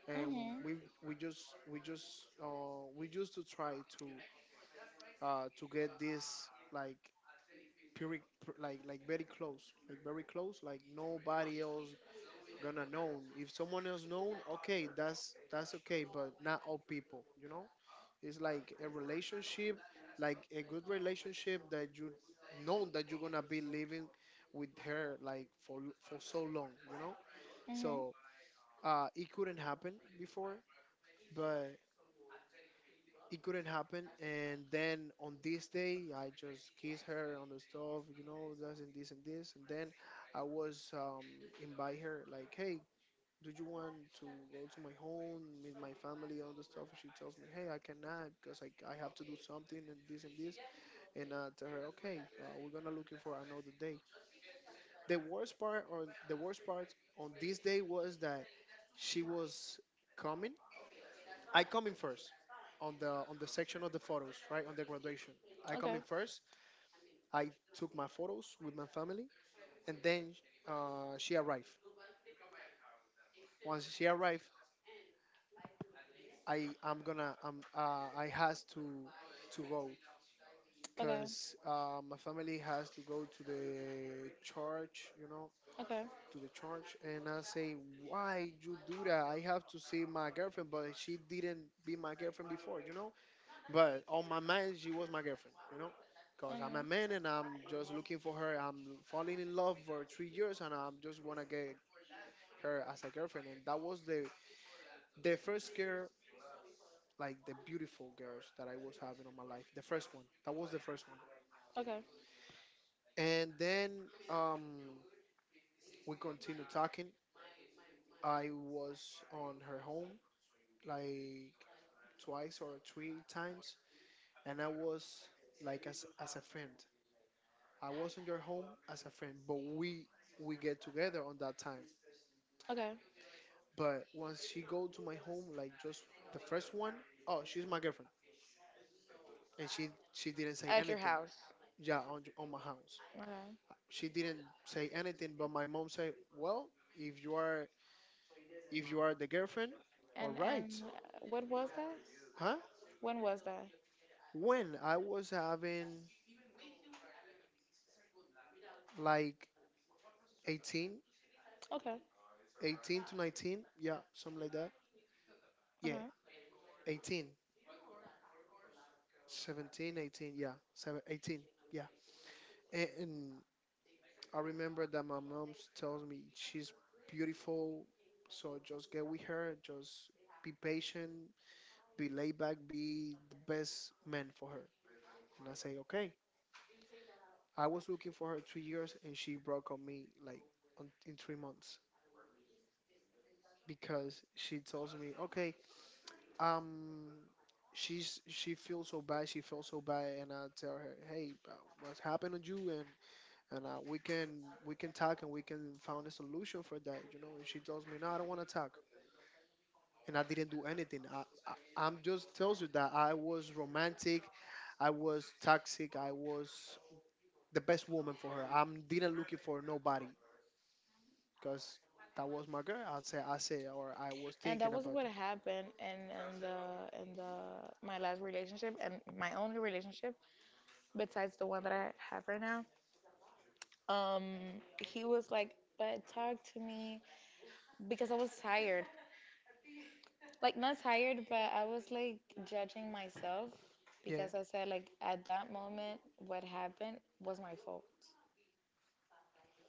Speaker 1: And
Speaker 2: Hmm.
Speaker 1: we we used to try to get this like pure, like very close, like very close, like nobody else gonna know. If someone else known, okay, that's okay, but not all people, you know. It's like a relationship, like a good relationship that you know that you're gonna be living with her like for so long, you know. So
Speaker 2: Hmm.
Speaker 1: it couldn't happen before, but it couldn't happen. And then on this day, I just kissed her on the stove, you know, this and this and this. And then I was invite her like, hey. Do you want to go to my home, meet my family, on the stuff? And she tells me, "Hey, I cannot because I have to do something and this and this." And tell her, okay, we're gonna looking for another day. The worst part, or the worst part on this day was that she was coming. I come in first on the section of the photos, right on the graduation. I come
Speaker 2: Okay.
Speaker 1: in first. I took my photos with my family, and then she arrived. Once she arrived, I am gonna I has to go
Speaker 2: Okay.
Speaker 1: because my family has to go to the church, you know,
Speaker 2: Okay.
Speaker 1: to the church. And I say, "Why you do that? I have to see my girlfriend," but she didn't be my girlfriend before, you know. But on my mind, she was my girlfriend, you know, because I'm a
Speaker 2: Okay.
Speaker 1: man and I'm just looking for her. I'm falling in love for 3 years and I'm just wanna get her as a girlfriend. And that was the first girl, like the beautiful girls that I was having on my life. The first one. That was the first one.
Speaker 2: Okay.
Speaker 1: And then we continued talking. I was on her home, like twice or three times, and I was like as a friend. I was on your home as a friend, but we get together on that time.
Speaker 2: Okay.
Speaker 1: But once she go to my home, like just the first one, oh, she's my girlfriend, and she didn't say
Speaker 2: At your
Speaker 1: anything.
Speaker 2: house.
Speaker 1: Yeah, on my house,
Speaker 2: Okay.
Speaker 1: she didn't say anything. But my mom said, well, if you are the girlfriend, all
Speaker 2: And
Speaker 1: right,
Speaker 2: what was that?
Speaker 1: huh?
Speaker 2: When was that?
Speaker 1: When I was having like 18,
Speaker 2: Okay.
Speaker 1: 18 to 19, yeah, something like that. Yeah,
Speaker 2: Okay.
Speaker 1: 18, 17, 18, yeah, seven, 18, yeah. And I remember that my mom tells me she's beautiful, so just get with her, just be patient, be laid back, be the best man for her. And I say, okay. I was looking for her 3 years, and she broke up me like on, in 3 months. Because she tells me, okay, um, she feels so bad, and I tell her, hey, what's happened to you, and we can talk and we can find a solution for that, you know. And she tells me, no, I don't want to talk, and I didn't do anything. I I'm just tells you that I was romantic, I was toxic, I was the best woman for her. I'm didn't looking for nobody because that was my girl. I say, or I was
Speaker 2: And that
Speaker 1: thinking
Speaker 2: was
Speaker 1: about
Speaker 2: what
Speaker 1: that.
Speaker 2: happened in the my last relationship and my only relationship besides the one that I have right now. Um, he was like, but talk to me because I was tired. Like not tired, but I was like judging myself
Speaker 1: Yeah.
Speaker 2: because I said like at that moment what happened was my fault.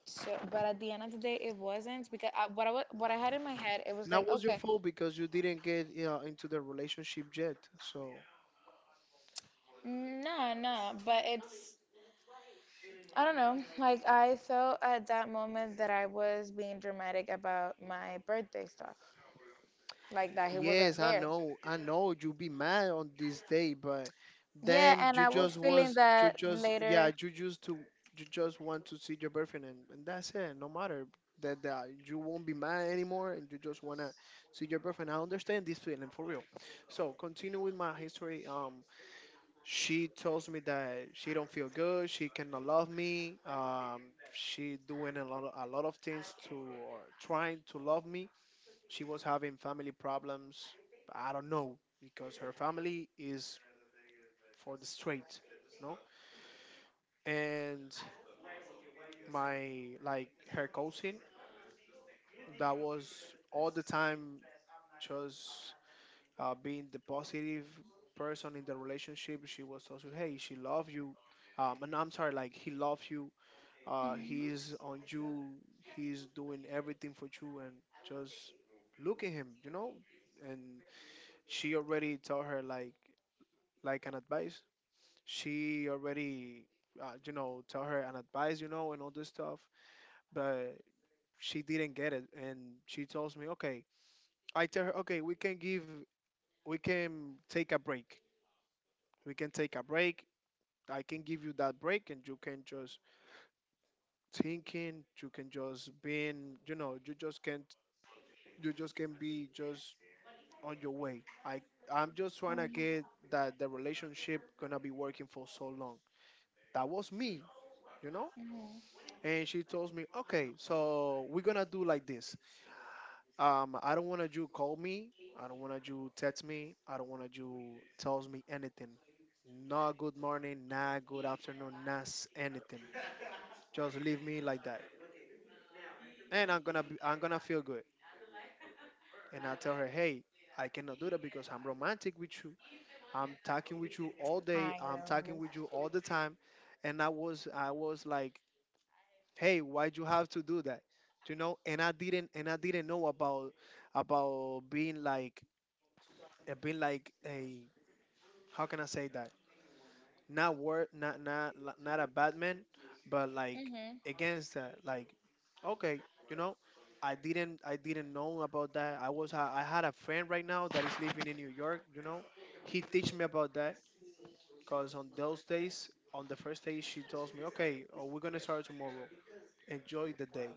Speaker 2: So, but at the end of the day, it wasn't because I, what I what I had in my head, it was
Speaker 1: Now
Speaker 2: like,
Speaker 1: was your
Speaker 2: okay,
Speaker 1: fault because you didn't get into the relationship yet. So
Speaker 2: nah. but it's I don't know. Like I felt at that moment that I was being dramatic about my birthday stuff, like that he wasn't
Speaker 1: yes,
Speaker 2: there.
Speaker 1: I know you be mad on this day, but
Speaker 2: Yeah,
Speaker 1: then
Speaker 2: and
Speaker 1: you
Speaker 2: I was
Speaker 1: just
Speaker 2: feeling
Speaker 1: was you
Speaker 2: that
Speaker 1: just yeah
Speaker 2: later.
Speaker 1: you just to you just want to see your boyfriend, and that's it. No matter that you won't be mad anymore and you just wanna see your boyfriend. I understand this feeling for real. So continue with my history. She tells me that she don't feel good, she cannot love me, she doing a lot of things to or trying to love me. She was having family problems, I don't know, because her family is for the straight, you know. And my, like her cousin, that was all the time just being the positive person in the relationship, she was also, hey, she love you, and I'm sorry, like he loves you.
Speaker 2: Mhm.
Speaker 1: He's on you. He's doing everything for you, and just look at him, you know. And she already tell her like an advice. She already, you know, tell her an advice, you know, and all this stuff. But she didn't get it, and she tells me, okay. I tell her, okay, we can take a break. We can take a break. I can give you that break, and you can just thinking. You can just being, you know, you just can be just on your way. I'm just trying to
Speaker 2: Mhm.
Speaker 1: get that the relationship gonna be working for so long. That was me, you know.
Speaker 2: Mhm.
Speaker 1: And she told me, okay, so we're gonna do like this. I don't wanna you call me. I don't wanna you text me. I don't wanna you tells me anything. Not good morning, not good afternoon, not s- anything. Just leave me like that, and I'm gonna feel good. And I tell her, hey, I cannot do that because I'm romantic with you. I'm talking with you all day.
Speaker 2: I
Speaker 1: I'm talking
Speaker 2: am.
Speaker 1: with you all the time. And I was like, hey, why'd you have to do that? You know, and I didn't know about about being like being like a, how can I say that? Not word, not not a bad man, but like
Speaker 2: Mhm.
Speaker 1: against that, like okay, you know. I didn't know about that. I was, I had a friend right now that is living in New York, you know. He teach me about that. Because on those days, on the first day, she tells me, okay, we're going to start tomorrow. Enjoy the day.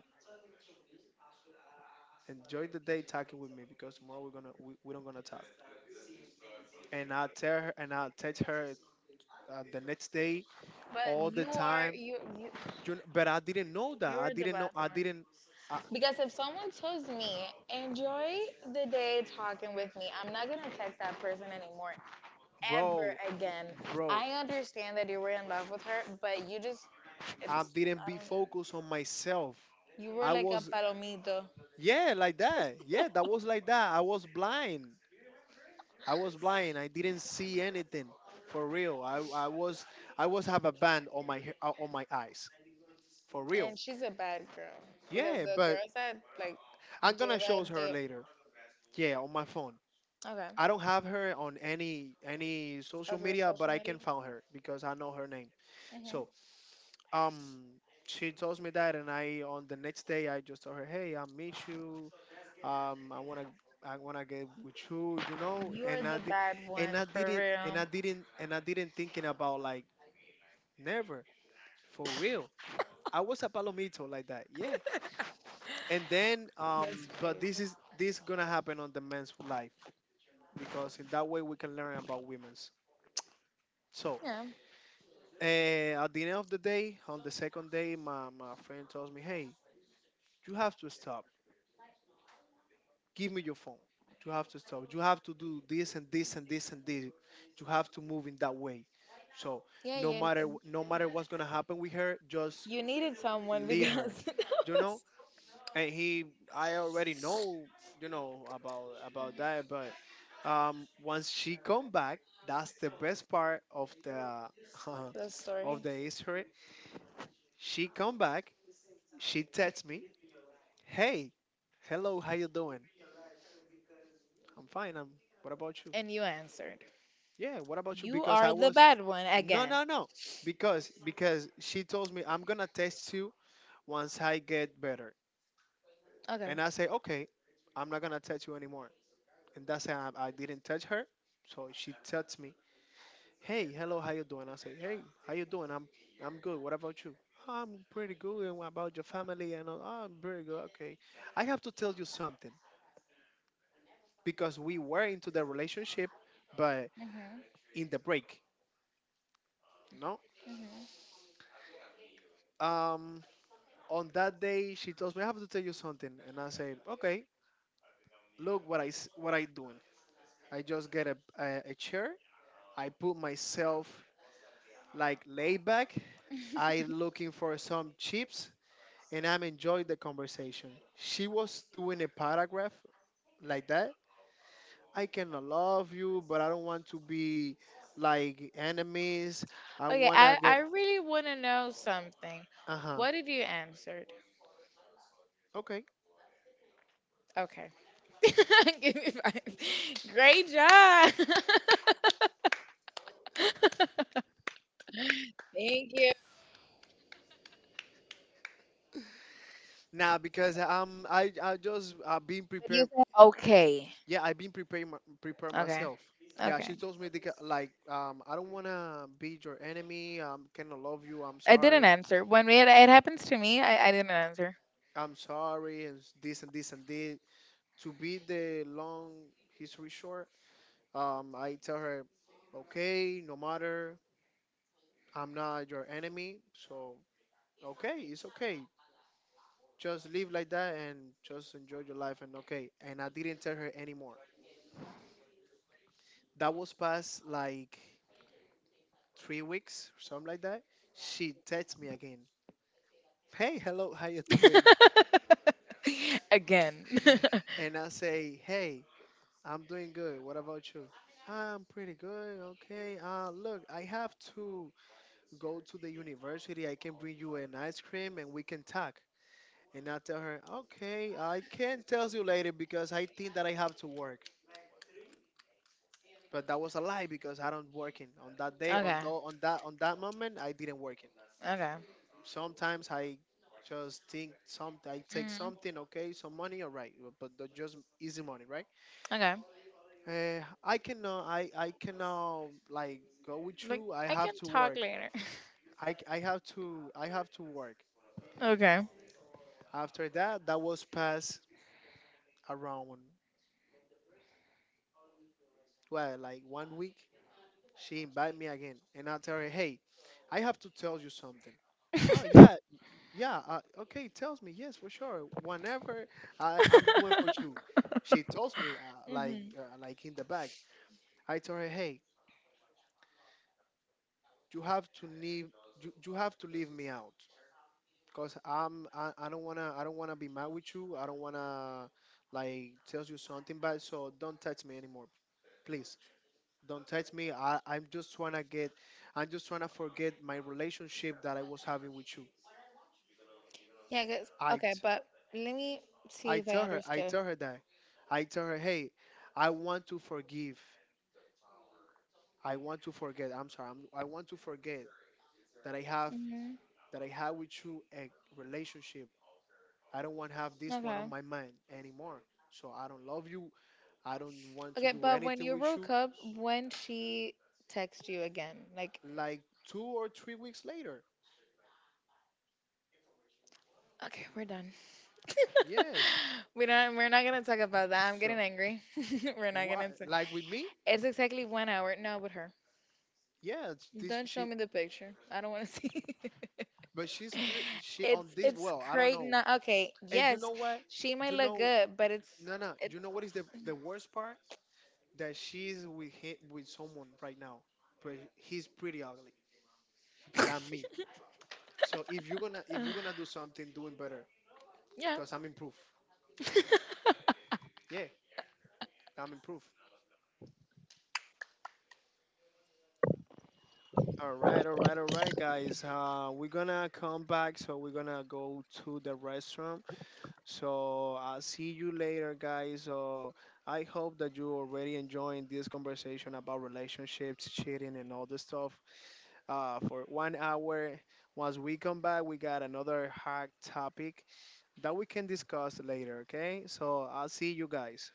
Speaker 1: Enjoy the day talking with me because tomorrow we don't gonna talk. And I tell her and I text her the next day all
Speaker 2: But you
Speaker 1: the
Speaker 2: are
Speaker 1: time.
Speaker 2: you
Speaker 1: But I didn't know that. I
Speaker 2: you're the
Speaker 1: didn't
Speaker 2: bad
Speaker 1: know. I
Speaker 2: one.
Speaker 1: didn't. I,
Speaker 2: Because if someone tells me, enjoy the day talking with me, I'm not going to text that person anymore, ever
Speaker 1: bro,
Speaker 2: again.
Speaker 1: bro,
Speaker 2: I understand that you were in love with her, but you just, it's,
Speaker 1: I didn't
Speaker 2: I
Speaker 1: be
Speaker 2: don't know.
Speaker 1: focused on myself.
Speaker 2: You were
Speaker 1: I
Speaker 2: like a
Speaker 1: was,
Speaker 2: palomito.
Speaker 1: yeah, like that. Yeah, that was like that. I was blind. I was blind. I didn't see anything. For real. I was, I was have a band on my on my eyes. For real.
Speaker 2: And she's a bad girl. Because
Speaker 1: Yeah,
Speaker 2: the
Speaker 1: but
Speaker 2: girls that, like,
Speaker 1: I'm
Speaker 2: do
Speaker 1: gonna show
Speaker 2: that,
Speaker 1: her
Speaker 2: they,
Speaker 1: later. Yeah, on my phone. I
Speaker 2: okay,
Speaker 1: don't have her on any social
Speaker 2: of your
Speaker 1: media, but
Speaker 2: social
Speaker 1: I can
Speaker 2: media,
Speaker 1: find her because I know her name.
Speaker 2: hmm
Speaker 1: So um, she tells me that, and I on the next day I just told her, hey, I meet you. I wanna get with you, you know.
Speaker 2: you're
Speaker 1: And I
Speaker 2: the
Speaker 1: di-
Speaker 2: bad
Speaker 1: and
Speaker 2: one,
Speaker 1: I
Speaker 2: for
Speaker 1: didn't
Speaker 2: real.
Speaker 1: and I didn't and I didn't thinking about like never, for real. I was a palomito like that, yeah. And then,
Speaker 2: That's
Speaker 1: but this
Speaker 2: crazy.
Speaker 1: is, this gonna happen on the men's life because in that way we can learn about women's. So,
Speaker 2: Yeah.
Speaker 1: at the end of the day, on the second day, my friend tells me, "Hey, you have to stop. Give me your phone. You have to stop. You have to do this and this and this and this. You have to move in that way. So,
Speaker 2: Yeah, you
Speaker 1: no matter what's gonna happen with her, just
Speaker 2: you needed someone
Speaker 1: leave her."
Speaker 2: because that
Speaker 1: You know.
Speaker 2: was
Speaker 1: And he, I already know, you know, about that. But once she come back, that's the best part of the
Speaker 2: the
Speaker 1: of
Speaker 2: story,
Speaker 1: the history. She come back, she texts me, hey, hello, how you doing? I'm fine, I'm what about you?
Speaker 2: and you answered.
Speaker 1: Yeah, what about you?
Speaker 2: You
Speaker 1: Because I
Speaker 2: are the
Speaker 1: was,
Speaker 2: bad one
Speaker 1: no,
Speaker 2: again.
Speaker 1: no, no, because she told me, I'm gonna text you once I get better.
Speaker 2: Okay.
Speaker 1: And I say, okay, I'm not gonna text you anymore. And that's how I didn't touch her. So she texts me, "Hey, hello, how you doing?" I say, "Hey, how you doing? I'm good. What about you?" "I'm pretty good. And what about your family?" And all, "Oh, I'm pretty good. Okay, I have to tell you something because we were into the relationship, but
Speaker 2: Mhm.
Speaker 1: in the break, no."
Speaker 2: Mhm.
Speaker 1: Um, on that day, she tells me, "I have to tell you something," and I say, "Okay, look what what I doing. I just get a chair. I put myself like laid back, I looking for some chips, and I'm enjoying the conversation." She was doing a paragraph like that. I cannot love you, but I don't want to be like enemies. I
Speaker 2: okay.
Speaker 1: wanna
Speaker 2: I
Speaker 1: get,
Speaker 2: really want to know something.
Speaker 1: uh-huh.
Speaker 2: What did you answer?
Speaker 1: Okay.
Speaker 2: Okay. Give me five. Great job. Thank you.
Speaker 1: Now because I just, I've been
Speaker 2: But you
Speaker 1: prepared.
Speaker 2: said okay.
Speaker 1: Yeah, I've been preparing prepare
Speaker 2: Okay.
Speaker 1: myself. Yeah,
Speaker 2: Okay.
Speaker 1: she told me, like, I don't wanna be your enemy. Cannot love you. I'm
Speaker 2: I didn't
Speaker 1: sorry.
Speaker 2: answer. When it happens to me, I didn't answer.
Speaker 1: I'm sorry and this and this and this. To be the long history short, I tell her, okay, no matter, I'm not your enemy, so okay, it's okay. Just live like that and just enjoy your life and okay. And I didn't tell her anymore. That was past like 3 weeks or something like that. She texts me again. Hey, hello, how you doing?
Speaker 2: Again.
Speaker 1: And I say, hey, I'm doing good. What about you? I'm pretty good. Okay. Look, I have to go to the university. I can bring you an ice cream and we can talk. And I tell her, okay, I can tell you later because I think that I have to work. But that was a lie because I don't working on that day.
Speaker 2: Okay.
Speaker 1: On that moment, I didn't working.
Speaker 2: Okay.
Speaker 1: Sometimes I just think some I take
Speaker 2: Hmm.
Speaker 1: something, okay, some money, all right, but just easy money, right?
Speaker 2: Okay.
Speaker 1: I cannot, I cannot like go with
Speaker 2: Like
Speaker 1: you. I
Speaker 2: I
Speaker 1: have
Speaker 2: can
Speaker 1: to
Speaker 2: talk
Speaker 1: work.
Speaker 2: later.
Speaker 1: I have to work.
Speaker 2: okay.
Speaker 1: After that, that was past around, well, like 1 week she invite me again and I tell her, hey, I have to tell you something. oh yeah y- yeah, okay, tells me, yes, for sure, whenever, I'm doing for you. She tells me,
Speaker 2: Hmm.
Speaker 1: like in the back. I tell her, hey, you have to leave, you have to leave me out, because I don't want to, be mad with you, I don't want to like tells you something bad, so don't touch me anymore, please. Don't touch me. I'm just trying to get, I'm just trying to forget my relationship that I was having with you.
Speaker 2: Yeah. Yeah. 'Cause-
Speaker 1: I,
Speaker 2: okay,
Speaker 1: t-
Speaker 2: but let me see
Speaker 1: I
Speaker 2: if I
Speaker 1: tell her,
Speaker 2: understood.
Speaker 1: that. I tell her, hey, I want to forgive. I want to forget. I'm sorry. I want to forget that I have,
Speaker 2: Hmm.
Speaker 1: that I have with you a relationship. I don't want to have this one
Speaker 2: Okay.
Speaker 1: on my mind anymore. So I don't love you. I don't want to
Speaker 2: Okay,
Speaker 1: do
Speaker 2: but when
Speaker 1: anything
Speaker 2: you
Speaker 1: with
Speaker 2: broke
Speaker 1: you.
Speaker 2: up, when she texted you again, like,
Speaker 1: Like 2 or 3 weeks later.
Speaker 2: okay, we're done.
Speaker 1: Yes.
Speaker 2: We don't. We're not gonna talk about that. I'm getting
Speaker 1: So,
Speaker 2: angry. We're not
Speaker 1: why,
Speaker 2: gonna. T-
Speaker 1: like with me?
Speaker 2: it's exactly 1 hour. No, with her.
Speaker 1: Yeah, it's this
Speaker 2: Don't show
Speaker 1: she,
Speaker 2: me the
Speaker 1: sh-
Speaker 2: picture. I don't want to see.
Speaker 1: but she's pure, she on
Speaker 2: it's
Speaker 1: this.
Speaker 2: it's
Speaker 1: Well, I don't
Speaker 2: great
Speaker 1: know.
Speaker 2: now. Okay,
Speaker 1: And you
Speaker 2: yes,
Speaker 1: know what?
Speaker 2: she might
Speaker 1: You
Speaker 2: look
Speaker 1: know,
Speaker 2: good, but
Speaker 1: no, no.
Speaker 2: it's
Speaker 1: You know what is the worst part? That she's with him, with someone right now, but he's pretty ugly than me. So if you're gonna, do something, doing better, cause I'm improved.
Speaker 2: yeah.
Speaker 1: Yeah, I'm improved. All right, all right, all right, guys. We're gonna come back, so we're gonna go to the restroom. So I'll see you later, guys. So I hope that you already enjoying this conversation about relationships, cheating, and all this stuff. For 1 hour. Once we come back, we got another hot topic that we can discuss later. Okay. So I'll see you guys.